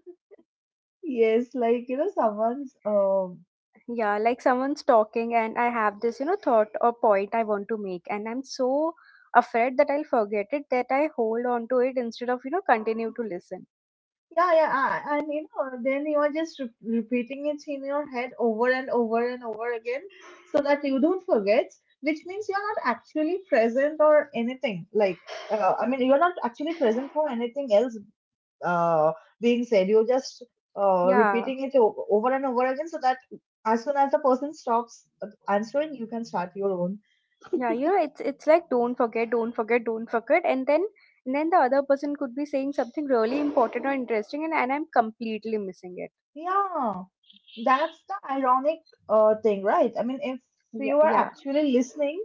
[SPEAKER 2] Yes, like, you know, someone's
[SPEAKER 1] Yeah, like, someone's talking, and I have this, you know, thought or point I want to make, and I'm so afraid that I'll forget it that I hold on to it instead of, you know, continue to listen.
[SPEAKER 2] yeah, yeah, ah, and you know, then you are just repeating it in your head over and over and over again so that you don't forget, which means you're not actually present or anything. Like, you're not actually present for anything else uh being said, you're just
[SPEAKER 1] Yeah,
[SPEAKER 2] repeating it over and over again so that as soon as the person stops answering, you can start your own.
[SPEAKER 1] yeah, you know, it's like, don't forget, don't forget, don't forget, and then the other person could be saying something really important or interesting, and, I'm completely missing it.
[SPEAKER 2] Yeah. That's the ironic thing, right? I mean, if
[SPEAKER 1] Yeah,
[SPEAKER 2] you are
[SPEAKER 1] yeah.
[SPEAKER 2] actually listening,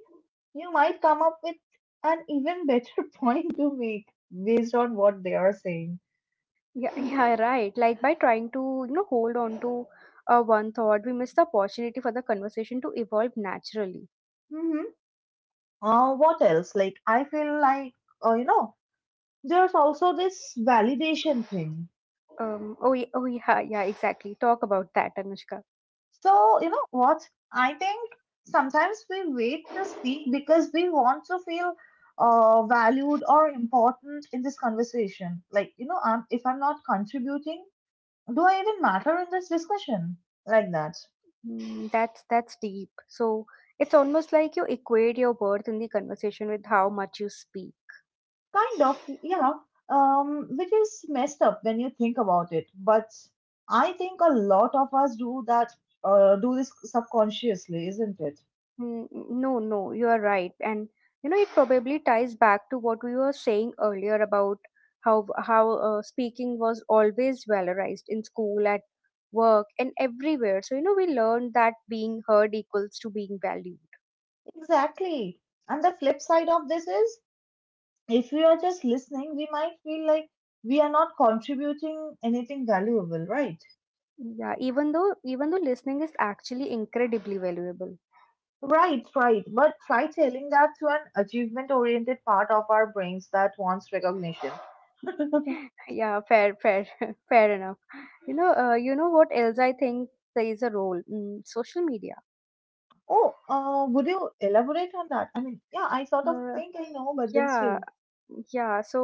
[SPEAKER 2] you might come up with an even better point to make based on what they are saying.
[SPEAKER 1] Yeah, yeah, right. Like, by trying to, you know, hold on to, one thought, we miss the opportunity for the conversation to evolve naturally.
[SPEAKER 2] Mm-hmm. What else? Like, I feel like, you know, there's also this validation thing.
[SPEAKER 1] Oh, oh, yeah, yeah, exactly. Talk about that, Anushka.
[SPEAKER 2] So, you know what? I think sometimes we wait to speak because we want to feel valued or important in this conversation. Like, you know, if I'm not contributing, do I even matter in this discussion? Like that.
[SPEAKER 1] Mm, that's deep. So, it's almost like you equate your worth in the conversation with how much you speak.
[SPEAKER 2] Kind of, yeah. Which is messed up when you think about it. But I think a lot of us do that, do this subconsciously, isn't it?
[SPEAKER 1] Mm, no, no, you are right, and you know, it probably ties back to what we were saying earlier about how speaking was always valorized in school, at work, and everywhere. So, you know, we learned that being heard equals to being valued.
[SPEAKER 2] Exactly. And the flip side of this is, if we are just listening, we might feel like we are not contributing anything valuable, right?
[SPEAKER 1] Yeah, even though listening is actually incredibly valuable.
[SPEAKER 2] Right, right. But try telling that to an achievement oriented part of our brains that wants recognition.
[SPEAKER 1] Yeah, fair fair fair enough. You know, you know what else I think plays a role? Social media.
[SPEAKER 2] Oh, would you elaborate on that? I mean, yeah, I sort of
[SPEAKER 1] uh,
[SPEAKER 2] think I know, but then
[SPEAKER 1] yeah.
[SPEAKER 2] still,
[SPEAKER 1] Yeah, so,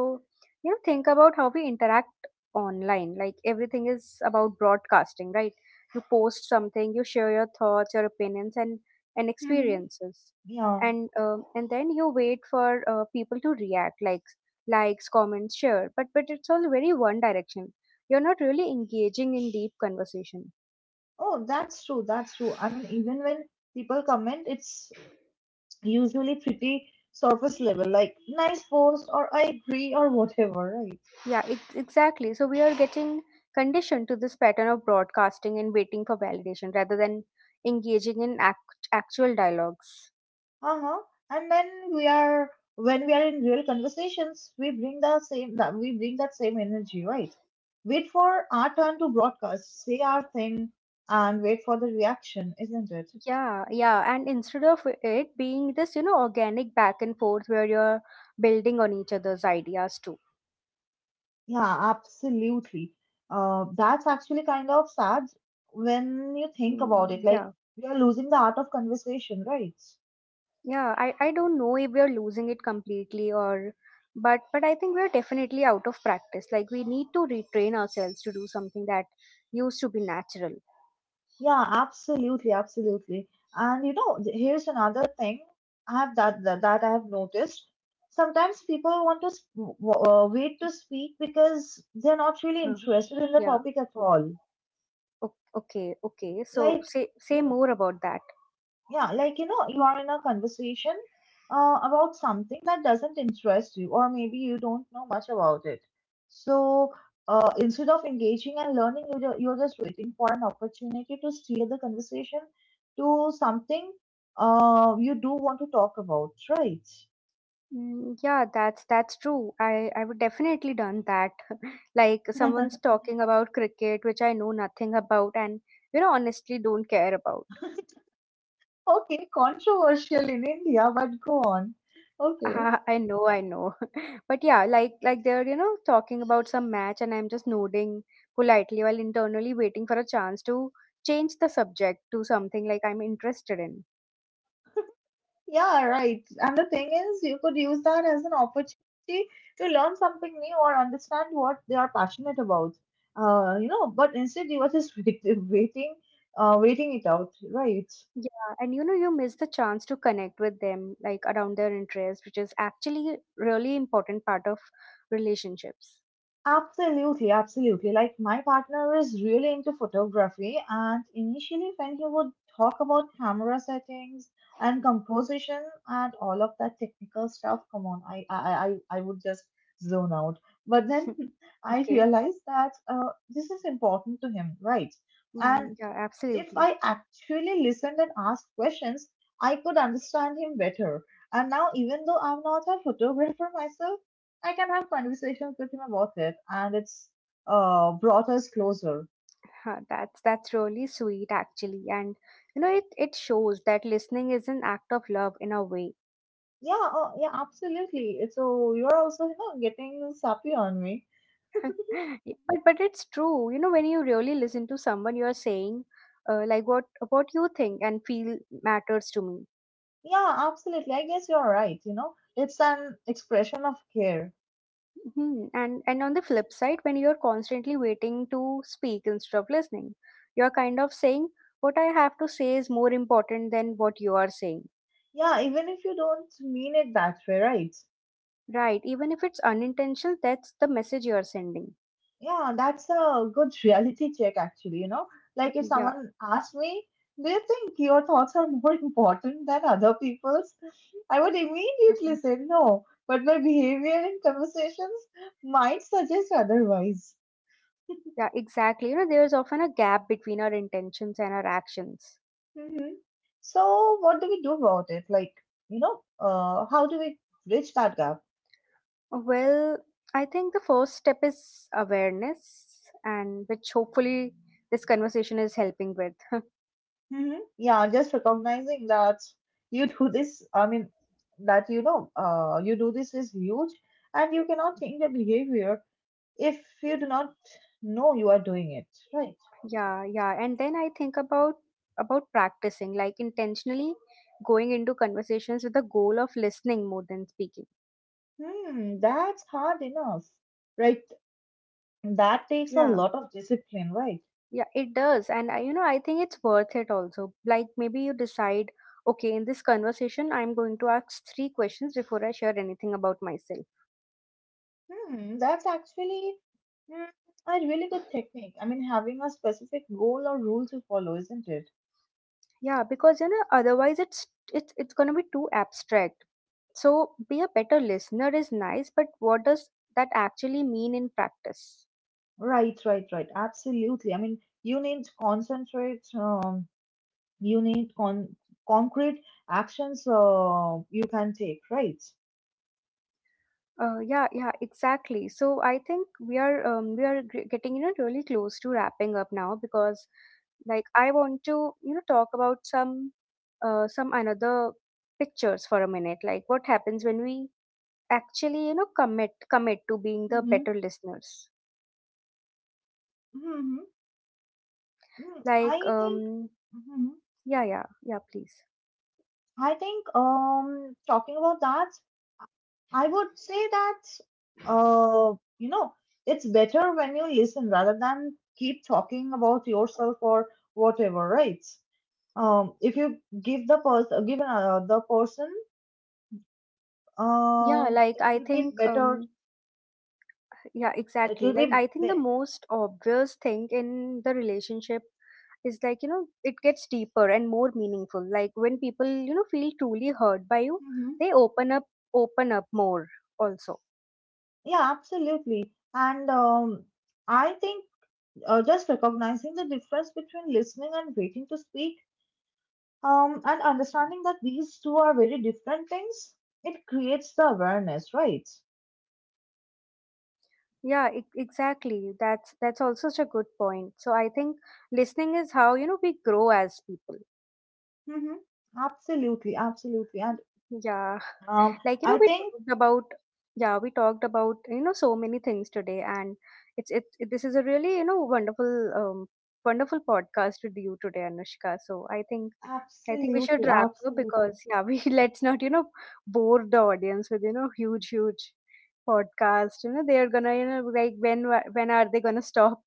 [SPEAKER 1] you know, think about how we interact online. Like, everything is about broadcasting, right? You post something, you share your thoughts, your opinions, and
[SPEAKER 2] mm-hmm,
[SPEAKER 1] experiences,
[SPEAKER 2] yeah.
[SPEAKER 1] and then you wait for, people to react, like, likes, comments, share. But it's all very one direction. You're not really engaging in deep conversation.
[SPEAKER 2] Oh, that's true. That's true. I mean, even when people comment, it's usually pretty surface level, like nice post or I agree or whatever, right?
[SPEAKER 1] Yeah, exactly. So we are getting conditioned to this pattern of broadcasting and waiting for validation rather than engaging in actual dialogues.
[SPEAKER 2] Uh-huh. And then we are when we are in real conversations, we bring that same energy, right? Wait for our turn to broadcast, say our thing, and wait for the reaction, isn't it?
[SPEAKER 1] Yeah, yeah. And instead of it being this, you know, organic back and forth where you're building on each other's ideas too.
[SPEAKER 2] Yeah, absolutely. That's actually kind of sad when you think about
[SPEAKER 1] Hmm,
[SPEAKER 2] it. Like,
[SPEAKER 1] yeah,
[SPEAKER 2] we are losing the art of conversation, right?
[SPEAKER 1] yeah. I don't know if we're losing it completely, or, but I think we're definitely out of practice. Like, we need to retrain ourselves to do something that used to be natural.
[SPEAKER 2] Yeah, absolutely, absolutely. And you know, here's another thing I have that that, that I have noticed. Sometimes people want to wait to speak because they're not really
[SPEAKER 1] Uh,
[SPEAKER 2] interested in the
[SPEAKER 1] Yeah.
[SPEAKER 2] topic at
[SPEAKER 1] Oh.
[SPEAKER 2] all.
[SPEAKER 1] Okay, okay. So,
[SPEAKER 2] Like,
[SPEAKER 1] say
[SPEAKER 2] you know,
[SPEAKER 1] more about that.
[SPEAKER 2] yeah, like, you know, you are in a conversation about something that doesn't interest you, or maybe you don't know much about it. So instead of engaging and learning, you're just waiting for an opportunity to steer the conversation to something you do want to talk about, right?
[SPEAKER 1] Mm, yeah, that's true. I would definitely done that. Like, someone's talking about cricket, which I know nothing about, and, you know, honestly don't care about.
[SPEAKER 2] Okay, controversial in India, but go on. Okay.
[SPEAKER 1] I know, I know. But yeah, like they're, you know, talking about some match, and I'm just nodding politely while internally waiting for a chance to change the subject to something like I'm interested in.
[SPEAKER 2] Yeah, right. And the thing is, you could use that as an opportunity to learn something new or understand what they are passionate about. You know, but instead you were just waiting, waiting it out, right?
[SPEAKER 1] Yeah, and you know, you miss the chance to connect with them, like around their interests, which is actually really important part of relationships.
[SPEAKER 2] Absolutely, absolutely. Like my partner is really into photography, and initially, when he would talk about camera settings and composition and all of that technical stuff, come on, I would just zone out. But then I
[SPEAKER 1] Okay.
[SPEAKER 2] realized that this is important to him, right?
[SPEAKER 1] Mm, yeah,
[SPEAKER 2] If
[SPEAKER 1] absolutely.
[SPEAKER 2] I actually listened and asked questions, I could understand him better. And now, even though I'm not a photographer myself, I can have conversations with him about it, and it's brought us closer.
[SPEAKER 1] Huh, that's really sweet, actually, and, you know, it shows that listening is an act of love in a way.
[SPEAKER 2] Yeah, oh, yeah, absolutely. It's- So you're also, you know, getting sappy on me.
[SPEAKER 1] Yeah, but it's true. You know, when you really listen to someone, you are saying, like, what you think and feel matters to me.
[SPEAKER 2] Yeah, absolutely. I guess you're right. You know, it's an expression of care.
[SPEAKER 1] Mhm. And on the flip side, when you're constantly waiting to speak instead of listening, you're kind of saying, what I have to say is more important than what you are saying.
[SPEAKER 2] Yeah, even if you don't mean it that way, right?
[SPEAKER 1] Right. Even if it's unintentional, that's the message you are sending.
[SPEAKER 2] Yeah, that's a good reality check, actually. You know, like if
[SPEAKER 1] Yeah.
[SPEAKER 2] someone asked me, do you think your thoughts are more important than other people's? I would immediately
[SPEAKER 1] Mhm.
[SPEAKER 2] say no, but my behavior in conversations might suggest otherwise.
[SPEAKER 1] Yeah, exactly. You know, there's often a gap between our intentions and our actions.
[SPEAKER 2] Hmm. So, what do we do about it? Like, you know, how do we bridge that gap?
[SPEAKER 1] Well, I think the first step is awareness, and which hopefully this conversation is helping with.
[SPEAKER 2] Hmm. Yeah, just recognizing that you do this, I mean, that, you know, you do this is huge, and you cannot change your behavior if you do not know you are doing it, right?
[SPEAKER 1] Yeah, yeah, and then I think about practicing, like, intentionally going into conversations with the goal of listening more than speaking.
[SPEAKER 2] Hmm, that's hard enough, right? That takes a
[SPEAKER 1] Yeah,
[SPEAKER 2] lot of discipline, right?
[SPEAKER 1] yeah, it does. And I, you know, I think it's worth it also. Like, maybe you decide, okay, in this conversation, I'm going to ask three questions before I share anything about myself.
[SPEAKER 2] Hmm, that's actually, hmm, a really good technique. I mean, having a specific goal or rule to follow, isn't it?
[SPEAKER 1] Yeah, because, you know, otherwise it's going to be too abstract. So, be a better listener is nice, but what does that actually mean in practice?
[SPEAKER 2] Right, right, right. Absolutely. I mean, you need concentrate. You need concrete actions. You can take, right?
[SPEAKER 1] Yeah, yeah, exactly. So I think we are getting, you know, really close to wrapping up now because, like, I want to, you know, talk about some, some another pictures for a minute. Like, what happens when we actually, you know, commit to being the
[SPEAKER 2] Mm-hmm.
[SPEAKER 1] better listeners.
[SPEAKER 2] Hmm.
[SPEAKER 1] Like
[SPEAKER 2] I think,
[SPEAKER 1] um
[SPEAKER 2] mhm.
[SPEAKER 1] yeah, yeah, yeah, please.
[SPEAKER 2] I think, talking about that, I would say that, you know, it's better when you listen rather than keep talking about yourself or whatever, right? If you give another person,
[SPEAKER 1] Yeah, like,
[SPEAKER 2] it
[SPEAKER 1] I
[SPEAKER 2] will be
[SPEAKER 1] think,
[SPEAKER 2] better.
[SPEAKER 1] yeah,
[SPEAKER 2] It
[SPEAKER 1] exactly.
[SPEAKER 2] will
[SPEAKER 1] Like,
[SPEAKER 2] be
[SPEAKER 1] I think the
[SPEAKER 2] better.
[SPEAKER 1] most obvious thing in the relationship is like, you know, it gets deeper and more meaningful. Like, when people, you know, feel truly hurt by you,
[SPEAKER 2] Hmm.
[SPEAKER 1] they open up more also.
[SPEAKER 2] Yeah, absolutely. And I think just recognizing the difference between listening and waiting to speak, um, and understanding that these two are very different things, it creates the awareness, right?
[SPEAKER 1] Yeah, exactly. That's also such a good point. So I think listening is how, you know, we grow as people.
[SPEAKER 2] Mm-hmm. Absolutely, absolutely. And
[SPEAKER 1] Yeah,
[SPEAKER 2] um,
[SPEAKER 1] like you know,
[SPEAKER 2] I
[SPEAKER 1] we
[SPEAKER 2] think
[SPEAKER 1] talked about yeah, we talked about, you know, so many things today, and it's it, it this is a really, you know, wonderful, podcast with you today, Anushka. So I think we should
[SPEAKER 2] absolutely,
[SPEAKER 1] wrap up
[SPEAKER 2] absolutely.
[SPEAKER 1] because, yeah, we let's not, you know, bore the audience with, you know, huge, huge podcast. You know, they are gonna, you know, like, when, when are they gonna stop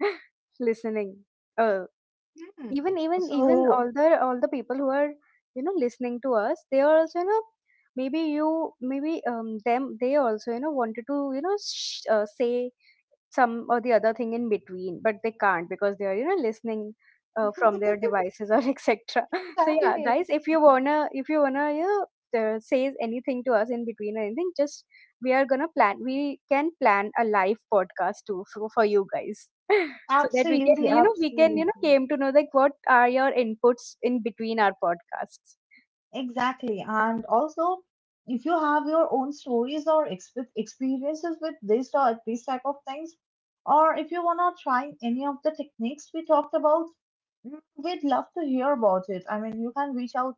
[SPEAKER 1] listening? Uh,
[SPEAKER 2] Hmm.
[SPEAKER 1] even even even Mhm.
[SPEAKER 2] So,
[SPEAKER 1] All the people who are, you know, listening to us, they are also, you know, maybe you maybe, them, they also, you know, wanted to, you know, say some or the other thing in between, but they can't because they are, you know, listening, from their devices, or etc. So, yeah
[SPEAKER 2] exactly,
[SPEAKER 1] guys, if you wanna, you know, say anything to us in between or anything, just we can plan a live podcast too for, you guys. So that
[SPEAKER 2] absolutely,
[SPEAKER 1] we can, you
[SPEAKER 2] absolutely.
[SPEAKER 1] know, came to know like what are your inputs in between our podcasts.
[SPEAKER 2] Exactly. And also, if you have your own stories or exp experiences with this or these type of things, or if you wanna try any of the techniques we talked about, mm, we'd love to hear about it. I mean, you can reach out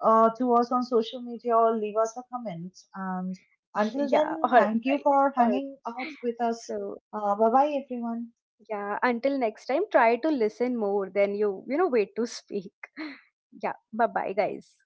[SPEAKER 2] to us on social media or leave us a comment. And until
[SPEAKER 1] Yeah,
[SPEAKER 2] then, thank you for
[SPEAKER 1] all right.
[SPEAKER 2] hanging out with us.
[SPEAKER 1] So,
[SPEAKER 2] Bye bye, everyone.
[SPEAKER 1] yeah, until next time, try to listen more than you know, wait to speak. Yeah, bye bye guys.